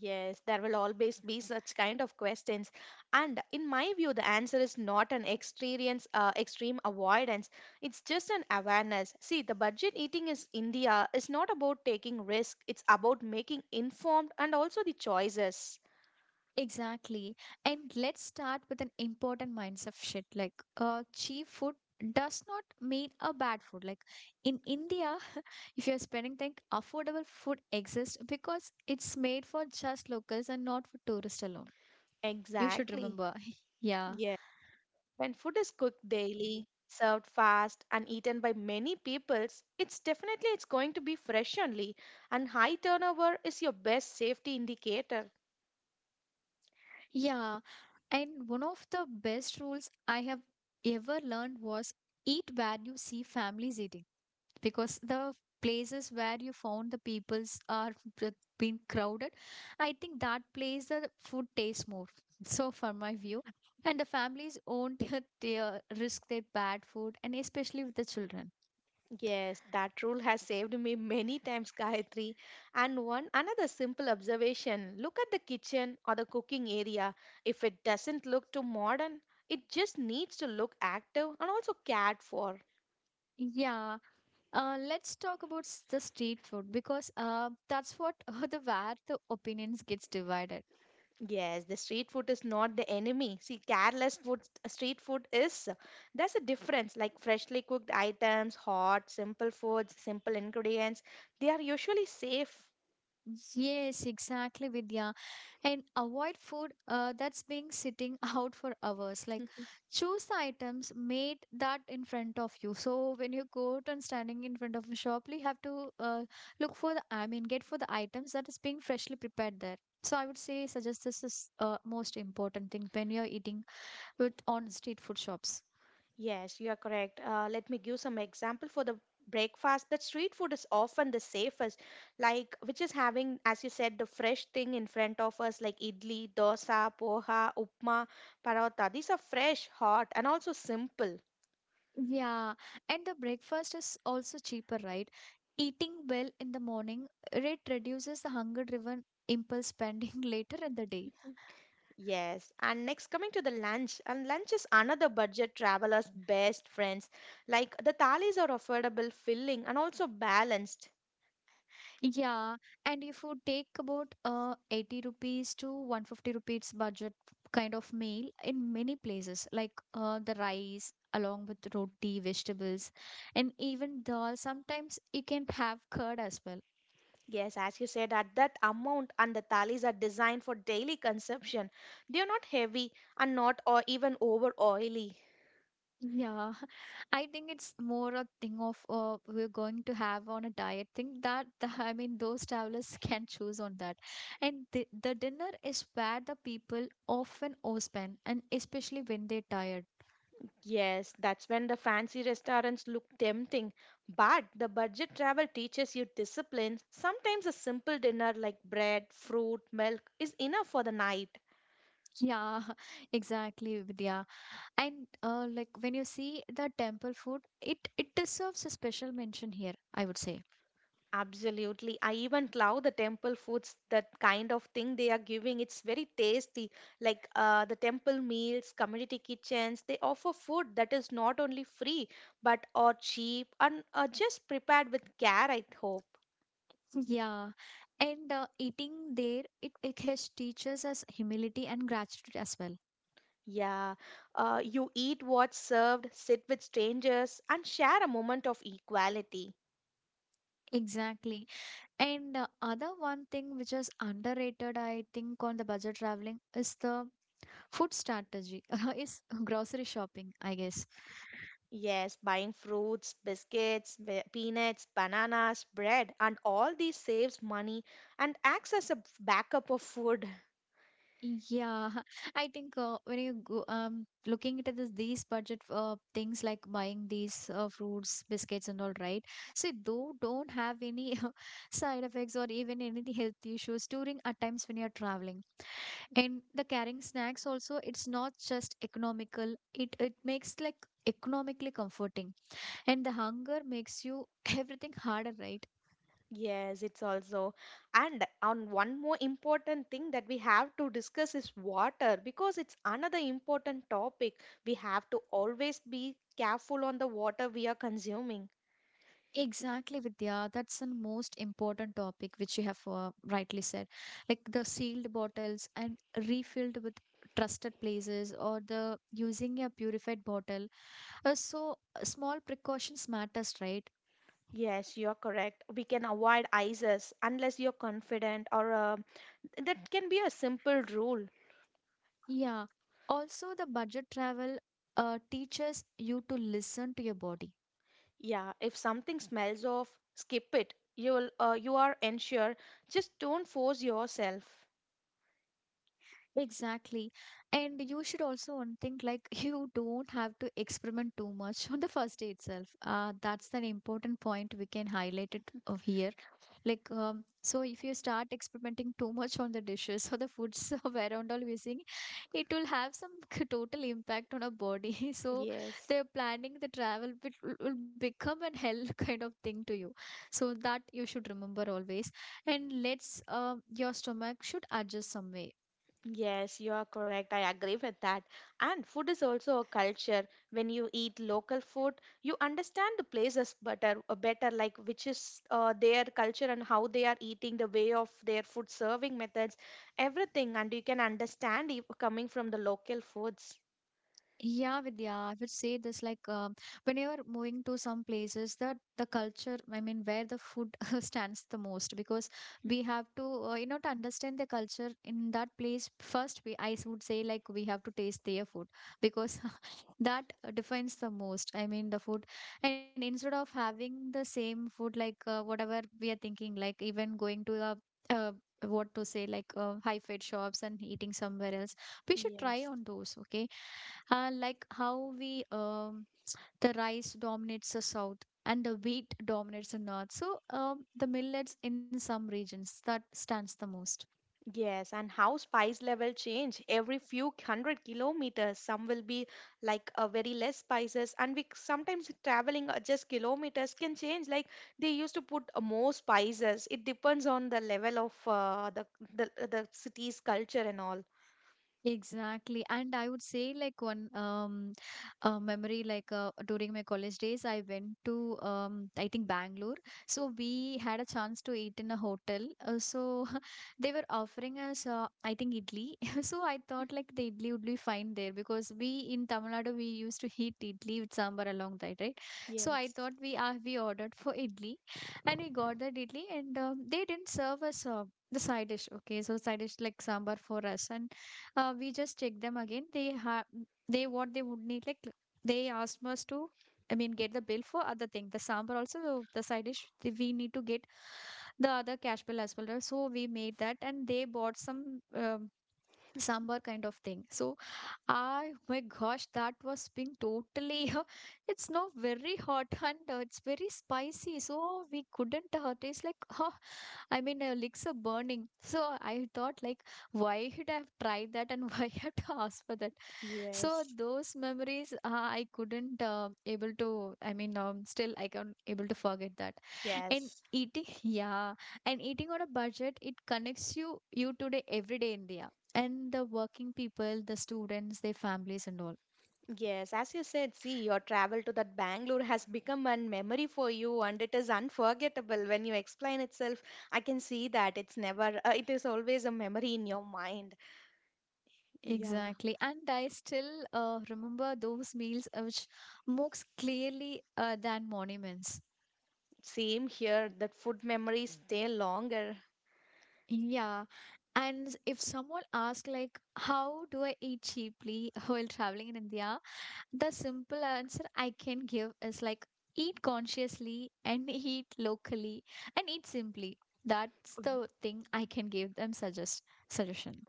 Speaker 2: Yes, there will always be such kind of questions. And in my view, the answer is not an experience, extreme avoidance. It's just an awareness. See, the budget eating is India is not about taking risk. It's about making informed and also the choices.
Speaker 1: Exactly. And let's start with an important mindset shift, like cheap food does not mean a bad food. Like, in India, [laughs] if you're spending, think affordable food exists because it's made for just locals and not for tourists alone. You should
Speaker 2: Exactly.
Speaker 1: remember. [laughs] Yeah.
Speaker 2: Yeah. When food is cooked daily, served fast, and eaten by many peoples, it's definitely it's going to be fresh only. And high turnover is your best safety indicator.
Speaker 1: Yeah. And one of the best rules I have ever learned was eat where you see families eating, because the places where you found the peoples are b- being crowded, I think that place the food tastes more, [laughs] so for my view. And the families won't [laughs] their, risk their bad food, and especially with the children.
Speaker 2: Yes, that rule has saved me many times, Gayatri. And one another simple observation look at the kitchen or the cooking area. If it doesn't look too modern, it just needs to look active and also cared for.
Speaker 1: Yeah, let's talk about the street food, because that's what [laughs] the where the opinions gets divided.
Speaker 2: Yes, the street food is not the enemy. See, careless food, street food is. There's a difference like freshly cooked items, hot, simple foods, simple ingredients. They are usually safe.
Speaker 1: Yes, exactly, Vidya. And avoid food that's being sitting [laughs] out for hours. Like,
Speaker 2: [laughs]
Speaker 1: choose the items made that in front of you. So when you go out and standing in front of a shop, you have to look for the, I mean, get for the items that is being freshly prepared there. So I would say suggest this is most important thing when you're eating with on street food shops.
Speaker 2: Yes, you are correct. Let me give some example for the breakfast. That street food is often the safest, like which is having, as you said, the fresh thing in front of us, like idli, dosa, poha, upma, paratha. These are fresh, hot, and also simple.
Speaker 1: Yeah, and the breakfast is also cheaper, right? Eating well in the morning, it reduces the hunger-driven impulse spending [laughs] later in the day.
Speaker 2: Yes, and next coming to the lunch, and lunch is another budget traveler's best friends. Like the thalis are affordable, filling, and also balanced.
Speaker 1: Yeah, and if you take about 80 rupees to 150 rupees budget kind of meal in many places, like the rice along with roti, vegetables, and even dal. Sometimes you can have curd as well.
Speaker 2: Yes, as you said, at that amount and the thalis are designed for daily consumption. They are not heavy and not or even over oily.
Speaker 1: Yeah, [laughs] I think it's more a thing of we're going to have on a diet thing that [laughs] the, I mean those travelers [laughs] can choose on that. And the dinner is where the people often overspend, and especially when they're tired.
Speaker 2: Yes, that's when the fancy restaurants look tempting. But the budget travel teaches you discipline. Sometimes a simple dinner like bread, fruit, milk is enough for the night.
Speaker 1: Yeah, [laughs] exactly, Vidya. And like when you see the temple food, it deserves a special mention here, I would say.
Speaker 2: Absolutely. I even love the temple foods, that kind of thing they are giving. It's very tasty. Like the temple meals, community kitchens, they offer food that is not only free, but or cheap and just prepared with care, I hope.
Speaker 1: [laughs] Yeah, and eating there, it has teaches us humility and gratitude as well.
Speaker 2: Yeah. You eat what's served, sit with strangers, and share a moment of equality.
Speaker 1: Exactly. And other one thing which is underrated, I think, on the budget traveling is the food strategy, [laughs] is grocery shopping, I guess.
Speaker 2: Yes, buying fruits, biscuits, peanuts, bananas, bread, and all these saves money and acts as a backup of food. [laughs]
Speaker 1: Yeah, [laughs] I think when you go, looking at this, these budget things like buying these fruits, biscuits, and all, right? See, though don't have any [laughs] side effects or even any health issues during at times when you're traveling. And the carrying snacks also, it's not just economical, it makes like economically comforting. And the hunger makes you [laughs] everything harder, right?
Speaker 2: Yes, it's also. And on one more important thing that we have to discuss is water because it's another important topic. We have to always be careful on the water we are consuming.
Speaker 1: Exactly, Vidya. That's the most important topic which you have rightly said. Like the sealed bottles and refilled with trusted places, or the using a purified bottle. Small precautions matters, right?
Speaker 2: Yes, you're correct. We can avoid ices unless you're confident or that can be a simple rule.
Speaker 1: Yeah. Also, the budget travel teaches you to listen to your body.
Speaker 2: Yeah, if something smells of, skip it. You are unsure. Just don't force yourself.
Speaker 1: Exactly. And you should also one think like [laughs] you don't have to experiment too much on the first day itself. That's an important point we can highlight it here. Like, so if you start experimenting too much on the dishes or the foods [laughs] where and all we're seeing, it will have some [laughs] total impact on our body. [laughs] So
Speaker 2: Yes.
Speaker 1: they're planning the travel will become an hell [laughs] kind of thing to you. So that you should remember always. And let's, your stomach should adjust some way.
Speaker 2: Yes, you are correct. I agree with that. And food is also a culture. When you eat local food, you understand the places better, better like which is their culture and how they are eating, the way of their food serving methods, everything. And you can understand if coming from the local foods.
Speaker 1: Yeah, Vidya, I would say this like when you're moving to some places that the culture, I mean, where the food [laughs] stands the most, because we have to, you know, to understand the culture in that place first. We, I would say, like we have to taste their food, because [laughs] that defines the most. I mean, the food. And instead of having the same food, like whatever we are thinking, like even going to the uh, what to say, like high fed shops and eating somewhere else, we should try
Speaker 2: Yes.
Speaker 1: on those, okay. Like how we the rice dominates the south and the wheat dominates the north. So the millets in some regions that stands the most.
Speaker 2: Yes, and how spice level change every few hundred kilometers. Some will be like a very less spices, and we sometimes traveling just kilometers can change. Like they used to put more spices. It depends on the level of the city's culture and all.
Speaker 1: Exactly. And I would say like one memory like during my college days I went to I think Bangalore. So we had a chance to eat in a hotel. So [laughs] they were offering us I think idli. [laughs] So I thought like the idli would be fine there, because we in Tamil Nadu we used to eat idli with sambar along that, right? So I
Speaker 2: Yes,
Speaker 1: thought we ordered for idli, and we got that idli, and they didn't serve us the side dish, okay. So side dish like sambar for us, and we just check them again. They have they what they would need like, they asked us to, I mean, get the bill for other thing, the sambar also, the side dish we need to get the other cash bill as well, right? So we made that, and they bought some um, sambar kind of thing. So I, oh my gosh, that was been totally. [laughs] It's now very hot and it's very spicy, so we couldn't. Taste like, [laughs] oh, I mean, legs are burning. So I thought like, why should I have tried that, and [laughs] why I have to ask for that? So
Speaker 2: yes,
Speaker 1: those memories, I couldn't able to. I mean, still I can't able to forget that. And
Speaker 2: yes.
Speaker 1: eating [laughs] yeah, and eating on a budget it connects you you today everyday India, and the working people, the students, their families and all.
Speaker 2: Yes, as you said, see, your travel to that Bangalore has become a memory for you and it is unforgettable. When you explain itself, I can see that it's never, it is always a memory in your mind. Yeah,
Speaker 1: Exactly, and I still remember those meals which most clearly, than monuments.
Speaker 2: same here, that food memories stay longer.
Speaker 1: Yeah, and if someone asks like how do I eat cheaply [laughs] while traveling in India, the simple answer I can give is like eat consciously, and eat locally, and eat simply. That's the thing I can give them suggestion.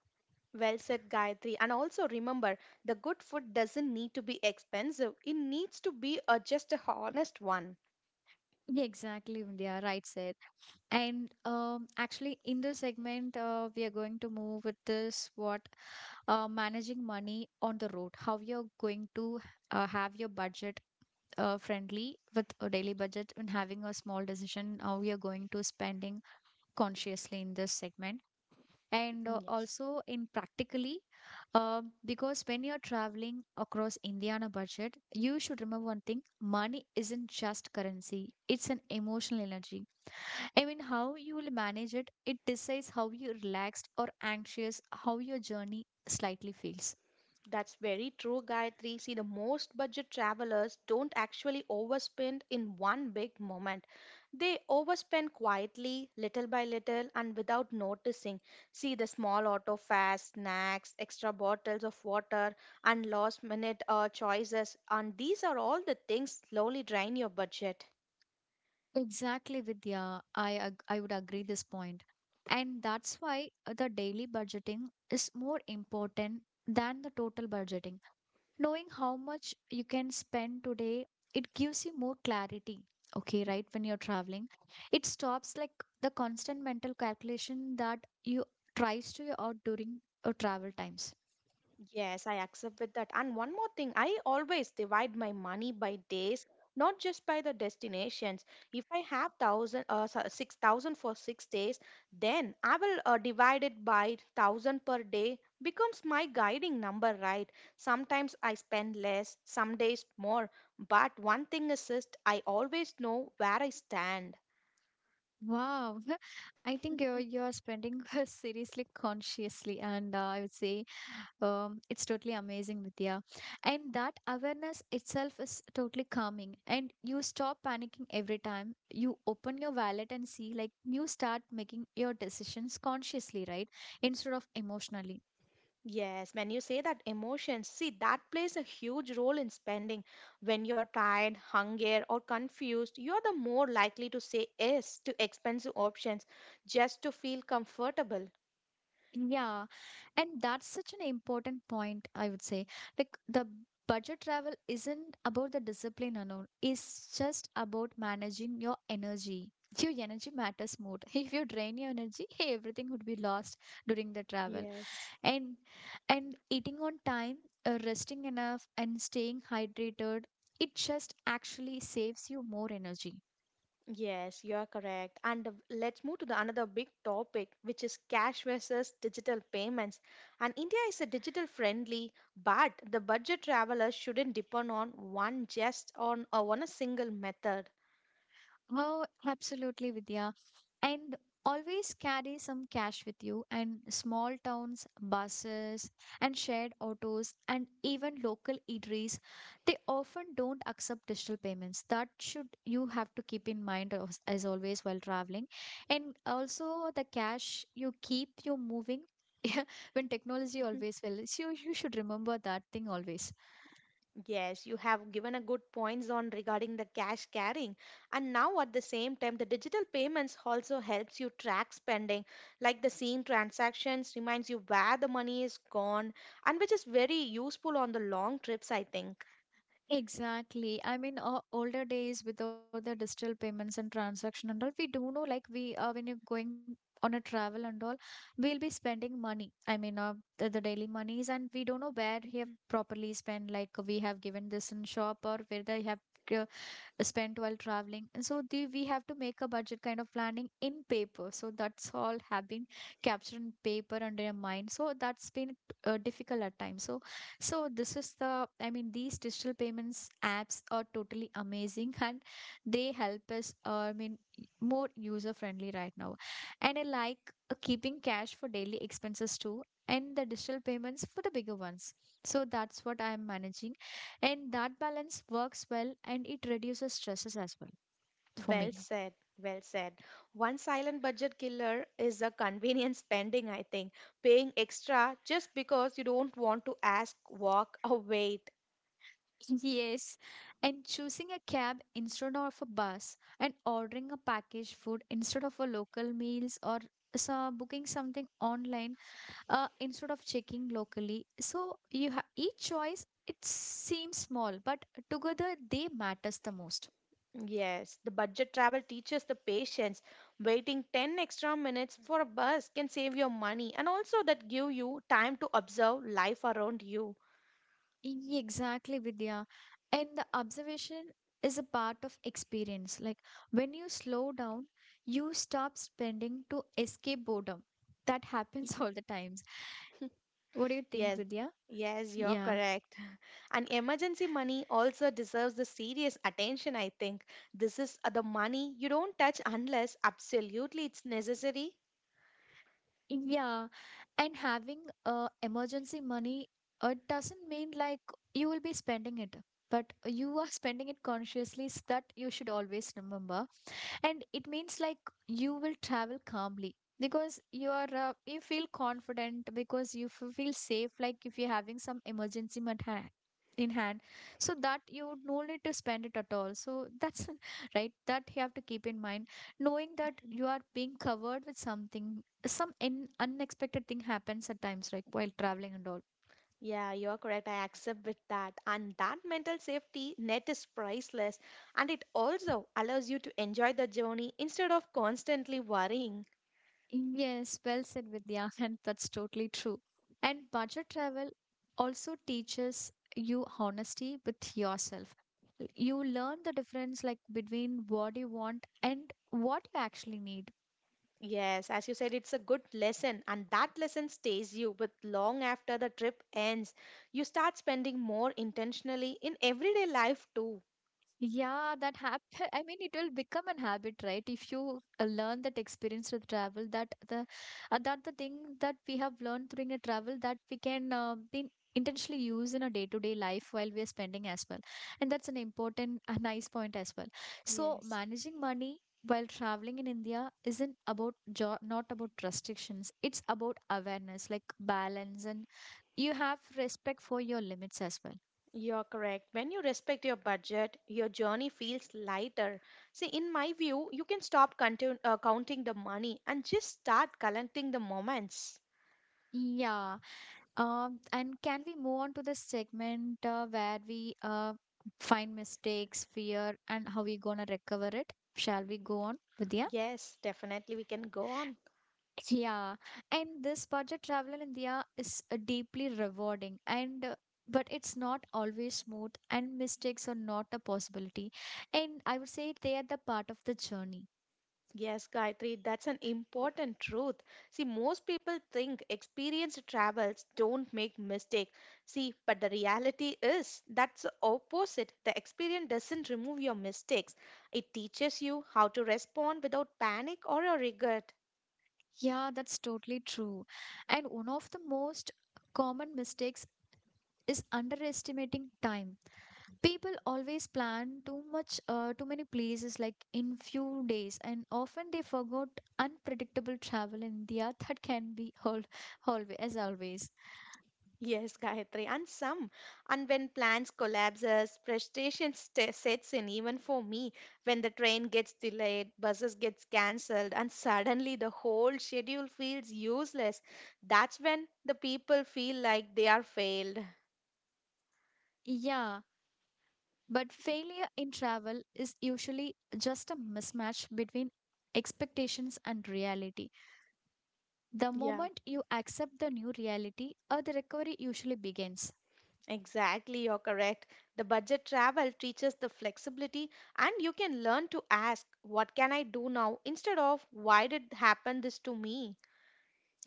Speaker 2: Well said, Gayatri. And also remember, the good food doesn't need to be expensive, it needs to be just a honest one.
Speaker 1: Yeah, exactly, India. Right said. And actually, in this segment, we are going to move with this what managing money on the road. How you're going to have your budget friendly with a daily budget and having a small decision. How we are going to spending consciously in this segment. And
Speaker 2: Yes.
Speaker 1: also in practically because when you're traveling across India on a budget, you should remember one thing: money isn't just currency, it's an emotional energy. I mean, how you will manage it, it decides how you're relaxed or anxious, how your journey slightly feels.
Speaker 2: That's very true, Gayatri. See, the most budget travelers don't actually overspend in one big moment. They overspend quietly, little by little, and without noticing. See, the small auto fares, snacks, extra bottles of water, and last minute choices. And these are all the things slowly drain your budget.
Speaker 1: Exactly, Vidya. I would agree this point, and that's why the daily budgeting is more important than the total budgeting. Knowing how much you can spend today, it gives you more clarity. Okay, right, when you're traveling, it stops like the constant mental calculation that you tries to you out during travel times.
Speaker 2: Yes, I accept with that. And one more thing, I always divide my money by days, not just by the destinations. If I have 6,000 for 6 days, then I will divide it by 1,000 per day becomes my guiding number, right? Sometimes I spend less, some days more, but one thing is just I always know where I stand.
Speaker 1: Wow, [laughs] I think you're spending [laughs] seriously consciously, and I would say, it's totally amazing, Vidya. And that awareness itself is totally calming. And you stop panicking every time you open your wallet and see, like, you start making your decisions consciously, right? Instead of emotionally.
Speaker 2: Yes, when you say that emotions, see that plays a huge role in spending. When you're tired, hungry, or confused, you're the more likely to say yes to expensive options just to feel comfortable.
Speaker 1: Yeah. And that's such an important point, I would say. Like, the budget travel isn't about the discipline alone, it's just about managing your energy. Your energy matters more. [laughs] If you drain your energy, [laughs] everything would be lost during the travel.
Speaker 2: Yes.
Speaker 1: and and eating on time, resting enough, and staying hydrated, it just actually saves you more energy.
Speaker 2: Yes, you are correct. And let's move to the another big topic, which is cash versus digital payments. And India is a digital friendly, but the budget traveler shouldn't depend on on a single method.
Speaker 1: Oh, absolutely, Vidya. And always carry some cash with you. And small towns, buses, and shared autos, and even local eateries, they often don't accept digital payments. That should you have to keep in mind as always while traveling. And also the cash you keep you moving. [laughs] When technology
Speaker 2: [laughs]
Speaker 1: always will. So you should remember that thing always.
Speaker 2: Yes, you have given a good points on regarding the cash carrying. And now at the same time, the digital payments also helps you track spending, like the seeing transactions reminds you where the money is gone, and which is very useful on the long trips, I think.
Speaker 1: Exactly. I mean, older days without the digital payments and transaction and all, we do know like we when you're going on a travel and all, we'll be spending money. I mean, the daily monies, and we don't know where he have
Speaker 2: Mhm.
Speaker 1: properly spent. Like we have given this in shop or where they have. uh, spent while traveling. And we have to make a budget kind of planning in paper, so that's all have been captured in paper under in mind, so that's been difficult at times. So this is these digital payments apps are totally amazing [laughs] and they help us, more user friendly right now. And I like keeping cash for daily expenses too, and the digital payments for the bigger ones. So that's what I'm managing, and that balance works well and it reduces stresses as well for
Speaker 2: Well
Speaker 1: me.
Speaker 2: said. Well said. One silent budget killer is a convenience spending, I think. Paying extra just because you don't want to ask, walk, or wait.
Speaker 1: Yes. And choosing a cab instead of a bus, and ordering a packaged food instead of a local meals, or so booking something online instead of checking locally. So you have each choice, it seems small, but together they matters the most.
Speaker 2: Yes, the budget travel teaches the patience. Waiting 10 extra minutes for a bus can save your money and also that give you time to observe life around you.
Speaker 1: Exactly, Vidya. And the observation is a part of experience. Like when you slow down, you stop spending to escape boredom. That
Speaker 2: Y-
Speaker 1: happens [laughs] all the times. What do you think,
Speaker 2: Yes,
Speaker 1: Vidya?
Speaker 2: yes, you're
Speaker 1: Yeah.
Speaker 2: correct. [laughs] And emergency money also deserves the serious attention, I think. This is the money you don't touch unless absolutely it's necessary.
Speaker 1: Yeah. And having emergency money, it doesn't mean like you will be spending it, but you are spending it consciously. So that you should always remember. And it means like you will travel calmly because you are you feel confident because you feel safe, like if you're having some in hand, so that you no need to spend it at all. So that's [laughs] right, that you have to keep in mind, knowing that you are being covered with something, some in unexpected thing happens at times like while traveling and all.
Speaker 2: Yeah, you're correct. I accept with that. And that mental safety net is priceless. And it also allows you to enjoy the journey instead of constantly worrying.
Speaker 1: Yes, well said, Vidya, [laughs] and that's totally true. And budget travel also teaches you honesty with yourself. You learn the difference, like between what you want and what you actually need.
Speaker 2: Yes, as you said, it's a good lesson. And that lesson stays you with long after the trip ends. You start spending more intentionally in everyday life too.
Speaker 1: Yeah, that happen. [laughs] I mean, it will become an habit, right? If you learn that experience with travel, that the thing that we have learned during a travel, that we can be intentionally use in a day-to-day life while we are spending as well, and that's an important, a nice point as well. So
Speaker 2: Yes.
Speaker 1: managing money while traveling in India isn't not about restrictions. It's about awareness, like balance, and you have respect for your limits as well.
Speaker 2: You're correct. When you respect your budget, your journey feels lighter. See, in my view, you can stop counting the money and just start collecting the moments.
Speaker 1: Yeah. And can we move on to the segment where we find mistakes, fear, and how we gonna recover it? Shall we go on, Vidya?
Speaker 2: Yes, definitely we can go on.
Speaker 1: Yeah, and this budget travel in India is deeply rewarding, and but it's not always smooth, and mistakes are not a possibility. And I would say they are the part of the journey.
Speaker 2: Yes, Gayatri, that's an important truth. See, most people think experienced travels don't make mistake. See, but the reality is that's the opposite. The experience doesn't remove your mistakes. It teaches you how to respond without panic or a regret.
Speaker 1: Yeah, that's totally true. And one of the most common mistakes is underestimating time. People always plan too much, too many places like in few days, and often they forgot unpredictable travel in india [laughs] that can be all, always as always.
Speaker 2: Yes, Gayatri, and some. And when plans collapses, frustration sta sets in even for me. When the train gets delayed, buses gets cancelled, and suddenly the whole schedule feels useless. That's when the people feel like they are failed.
Speaker 1: Yeah, but failure in travel is usually just a mismatch between expectations and reality. The
Speaker 2: Yeah,
Speaker 1: moment you accept the new reality, the recovery usually begins.
Speaker 2: exactly, you're correct. The budget travel teaches the flexibility, and you can learn to ask, what can I do now, instead of why did happen this to me?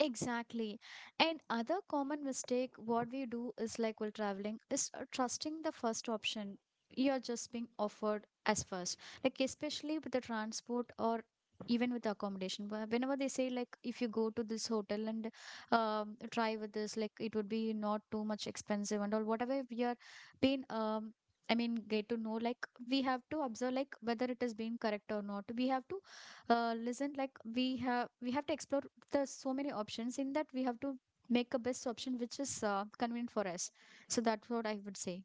Speaker 1: Exactly. And other common mistake what we do is like while traveling is trusting the first option you're just being offered as first. Like especially with the transport or even with the accommodation. Whenever they say, like if you go to this hotel and try with this, like it would be not too much expensive and all, whatever we are being um, I mean, get to know like we have to observe like whether it has been correct or not. We have to listen, like we have to explore. There's so many options in that, we have to make a best option which is convenient for us. So that's what I would say.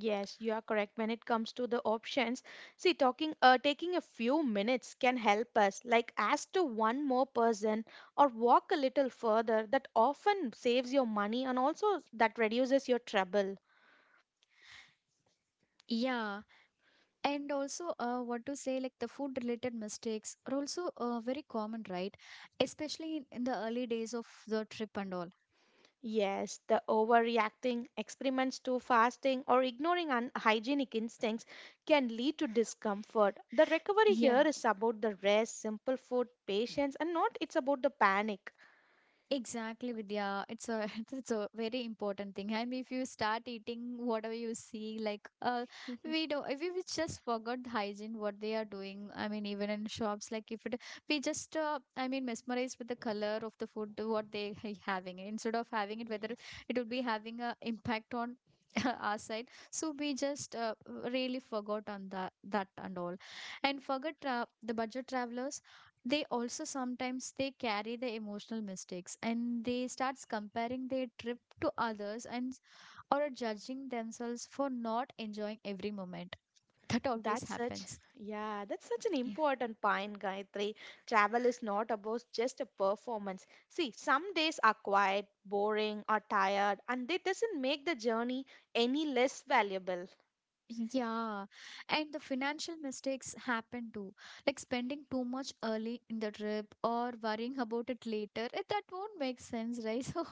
Speaker 2: Yes, you are correct. When it comes to the options, see, taking a few minutes can help us, like ask to one more person or walk a little further. That often saves your money and also that reduces your trouble.
Speaker 1: Yeah. And also what to say, like the food related mistakes are also very common, right? Especially in the early days of the trip and all.
Speaker 2: Yes, the overreacting, experiments to fasting, or ignoring unhygienic instincts can lead to discomfort. The recovery
Speaker 1: Yeah.
Speaker 2: here is about the rest, simple food, patience, and not it's about the panic.
Speaker 1: Exactly, Vidya. It's a [laughs] it's a very important thing. And if you start eating whatever you see, like we
Speaker 2: [laughs]
Speaker 1: do, if we just forgot the hygiene, what they are doing. I mean, even in shops, like if it, we just, I mean, mesmerized with the color of the food, what they are having, instead of having it, whether
Speaker 2: Yes.
Speaker 1: it would be having a impact on [laughs] our side. So we just, really forgot on that and all, and forget the budget travelers, they also sometimes they carry the emotional mistakes, and they starts comparing their trip to others, and or judging themselves for not enjoying every moment. [laughs] That always
Speaker 2: That's such,
Speaker 1: happens.
Speaker 2: yeah, that's such an
Speaker 1: Yeah.
Speaker 2: important point, Gayatri. Travel is not about just a performance. See, some days are quiet, boring, or tired, and it doesn't make the journey any less valuable.
Speaker 1: Yeah, and the financial mistakes happen too, like spending too much early in the trip or worrying about it later, eh, that won't make sense, right? [laughs] So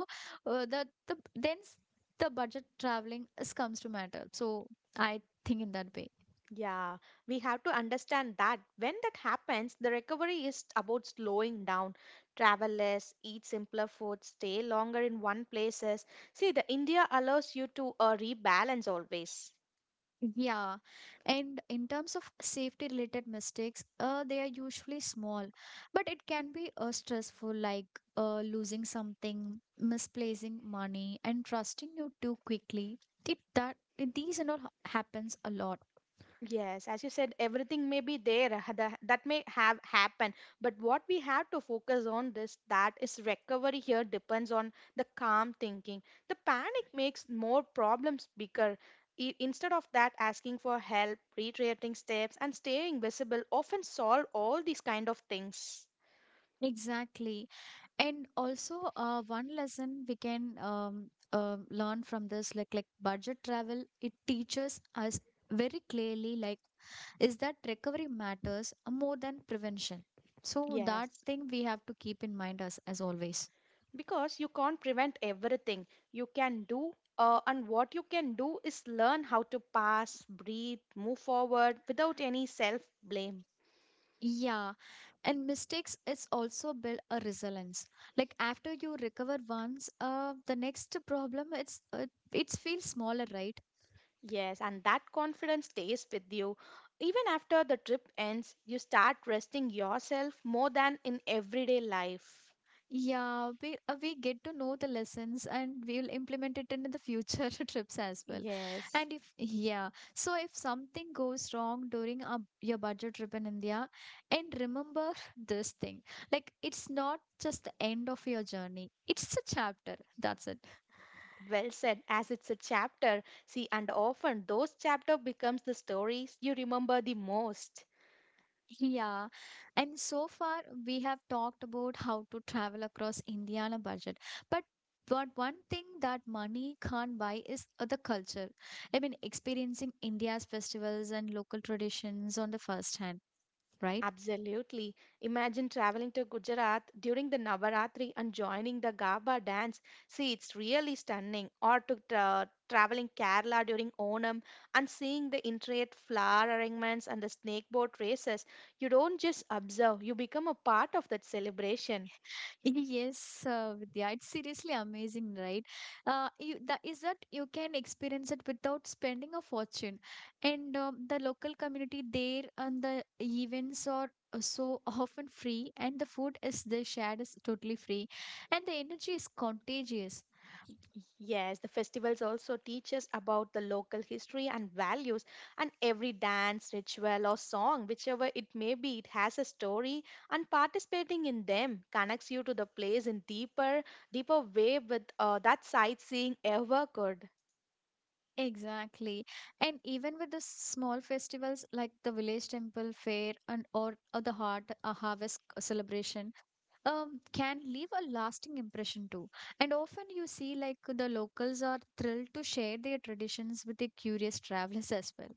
Speaker 1: uh, the, the then s- the budget traveling is comes to matter, so I think in that way.
Speaker 2: Yeah, we have to understand that when that happens, the recovery is about slowing down. Travel less, eat simpler food, stay longer in one places. See, the India allows you to rebalance always.
Speaker 1: Yeah, and in terms of safety related mistakes, they are usually small, but it can be stressful, like losing something, misplacing money, and trusting you too quickly. It, that it, these and all happens a lot.
Speaker 2: Yes, as you said, everything may be there that may have happened, but what we have to focus on this that is recovery here depends on the calm thinking. The panic makes more problems bigger. Instead of that, asking for help, retracing steps, and staying visible often solve all these kind of things.
Speaker 1: Exactly, and also one lesson we can learn from this, like budget travel, it teaches us very clearly, like is that recovery matters more than prevention. So that
Speaker 2: Yes.
Speaker 1: thing we have to keep in mind as always.
Speaker 2: Because you can't prevent everything you can do, and what you can do is learn how to pass, breathe, move forward without any self blame.
Speaker 1: Yeah, and mistakes is also build a resilience. Like after you recover once, the next problem, it's it feels smaller, right?
Speaker 2: Yes, and that confidence stays with you even after the trip ends. You start trusting yourself more than in everyday life.
Speaker 1: Yeah, we get to know the lessons and we'll implement it in the future [laughs] trips as well.
Speaker 2: Yes,
Speaker 1: And if yeah, so if something goes wrong during a, your budget trip in India, and remember [laughs] this thing, like it's not just the end of your journey; it's a chapter. That's it.
Speaker 2: well said, as it's a chapter. See, and often those chapter becomes the stories you remember the most.
Speaker 1: Yeah, and so far we have talked about how to travel across India on a budget. But but one thing that money can't buy is the culture. I mean, experiencing India's festivals and local traditions on the first hand, right?
Speaker 2: Absolutely. Imagine traveling to Gujarat during the Navaratri and joining the Gaba dance. See, it's really stunning. Or to traveling Kerala during Onam and seeing the intricate flower arrangements and the snake boat races. You don't just observe, you become a part of that celebration.
Speaker 1: Yes, Vidya, it's seriously amazing, right? You, that is that you can experience it without spending a fortune, and the local community there and the events are so [laughs] often free, and the food is they shared is totally free, and the energy is contagious.
Speaker 2: Yes, the festivals also teach us about the local history and values, and every dance, ritual, or song, whichever it may be, it has a story, and participating in them connects you to the place in deeper, deeper way with that sightseeing ever could.
Speaker 1: Exactly, and even with the small festivals like the village temple fair and or the heart a harvest celebration can leave a lasting impression too. And often you see like the locals are thrilled to share their traditions with the curious travelers as well.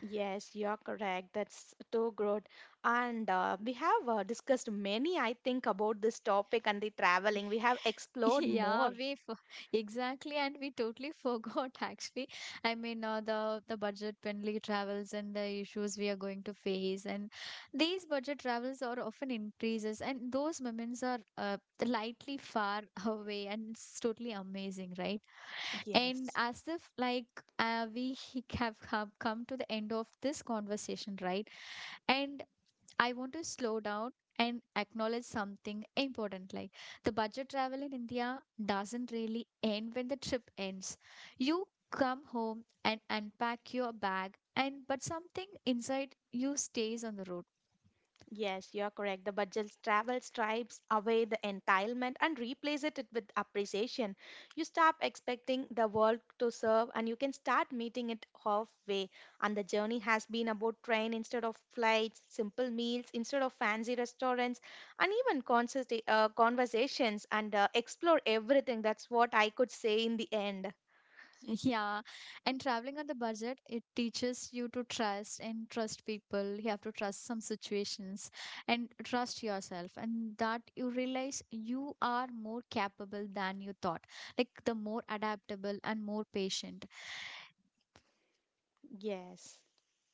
Speaker 2: Yes, you're correct. That's too good. And we have discussed many, I think, about this topic and the traveling. We
Speaker 1: [laughs]
Speaker 2: have explored
Speaker 1: Yeah,
Speaker 2: more.
Speaker 1: we f [laughs] exactly, and we totally [laughs] forgot actually. I mean, the budget friendly travels and the issues we are going to face, and these budget travels are often increases, and those moments are lightly far [laughs] away, and it's totally amazing, right? And
Speaker 2: Yes.
Speaker 1: as if like we [laughs] have come to the end of this conversation, right? And I want to slow down and acknowledge something important, like the budget travel in India doesn't really end when the trip ends. You come home and unpack your bag, and but something inside you stays on the road.
Speaker 2: Yes, you are correct. The budget travel stripes away the entitlement and replace it with appreciation. You stop expecting the world to serve and you can start meeting it halfway. And the journey has been about train instead of flights, simple meals instead of fancy restaurants, and even conversations and explore everything. That's what I could say in the end.
Speaker 1: Yeah, and traveling on the budget, it teaches you to trust and trust people. You have to trust some situations and trust yourself, and that you realize you are more capable than you thought, like the more adaptable and more patient.
Speaker 2: Yes.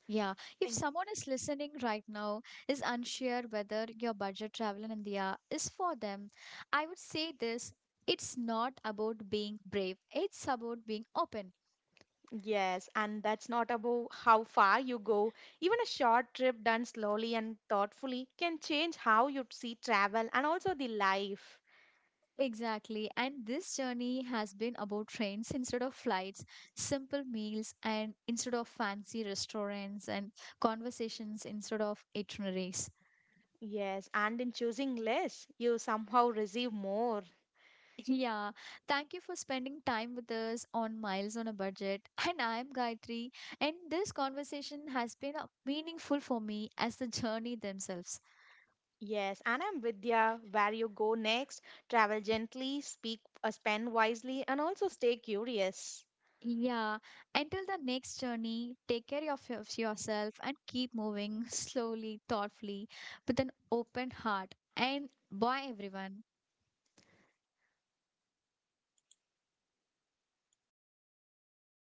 Speaker 1: Yeah, if
Speaker 2: Thank.
Speaker 1: someone is listening right now, is unsure whether your budget travel in India is for them, I would say this. It's not about being brave. It's about being open.
Speaker 2: Yes, and that's not about how far you go. Even a short trip done slowly and thoughtfully can change how you see travel and also the life.
Speaker 1: Exactly. And this journey has been about trains instead of flights, simple meals, and instead of fancy restaurants, and conversations instead of itineraries. [laughs]
Speaker 2: Yes, and in choosing less, you somehow receive more.
Speaker 1: Yeah. Thank you for spending time with us on Miles on a Budget. And I'm Gayatri. And this conversation has been meaningful for me as the journey themselves.
Speaker 2: Yes, and I'm Vidya. Where you go next, travel gently, spend wisely, and also stay curious.
Speaker 1: Yeah, until the next journey, take care of yourself and keep moving [laughs] slowly, thoughtfully, with an open heart. And bye, everyone.
Speaker 2: Bye bye.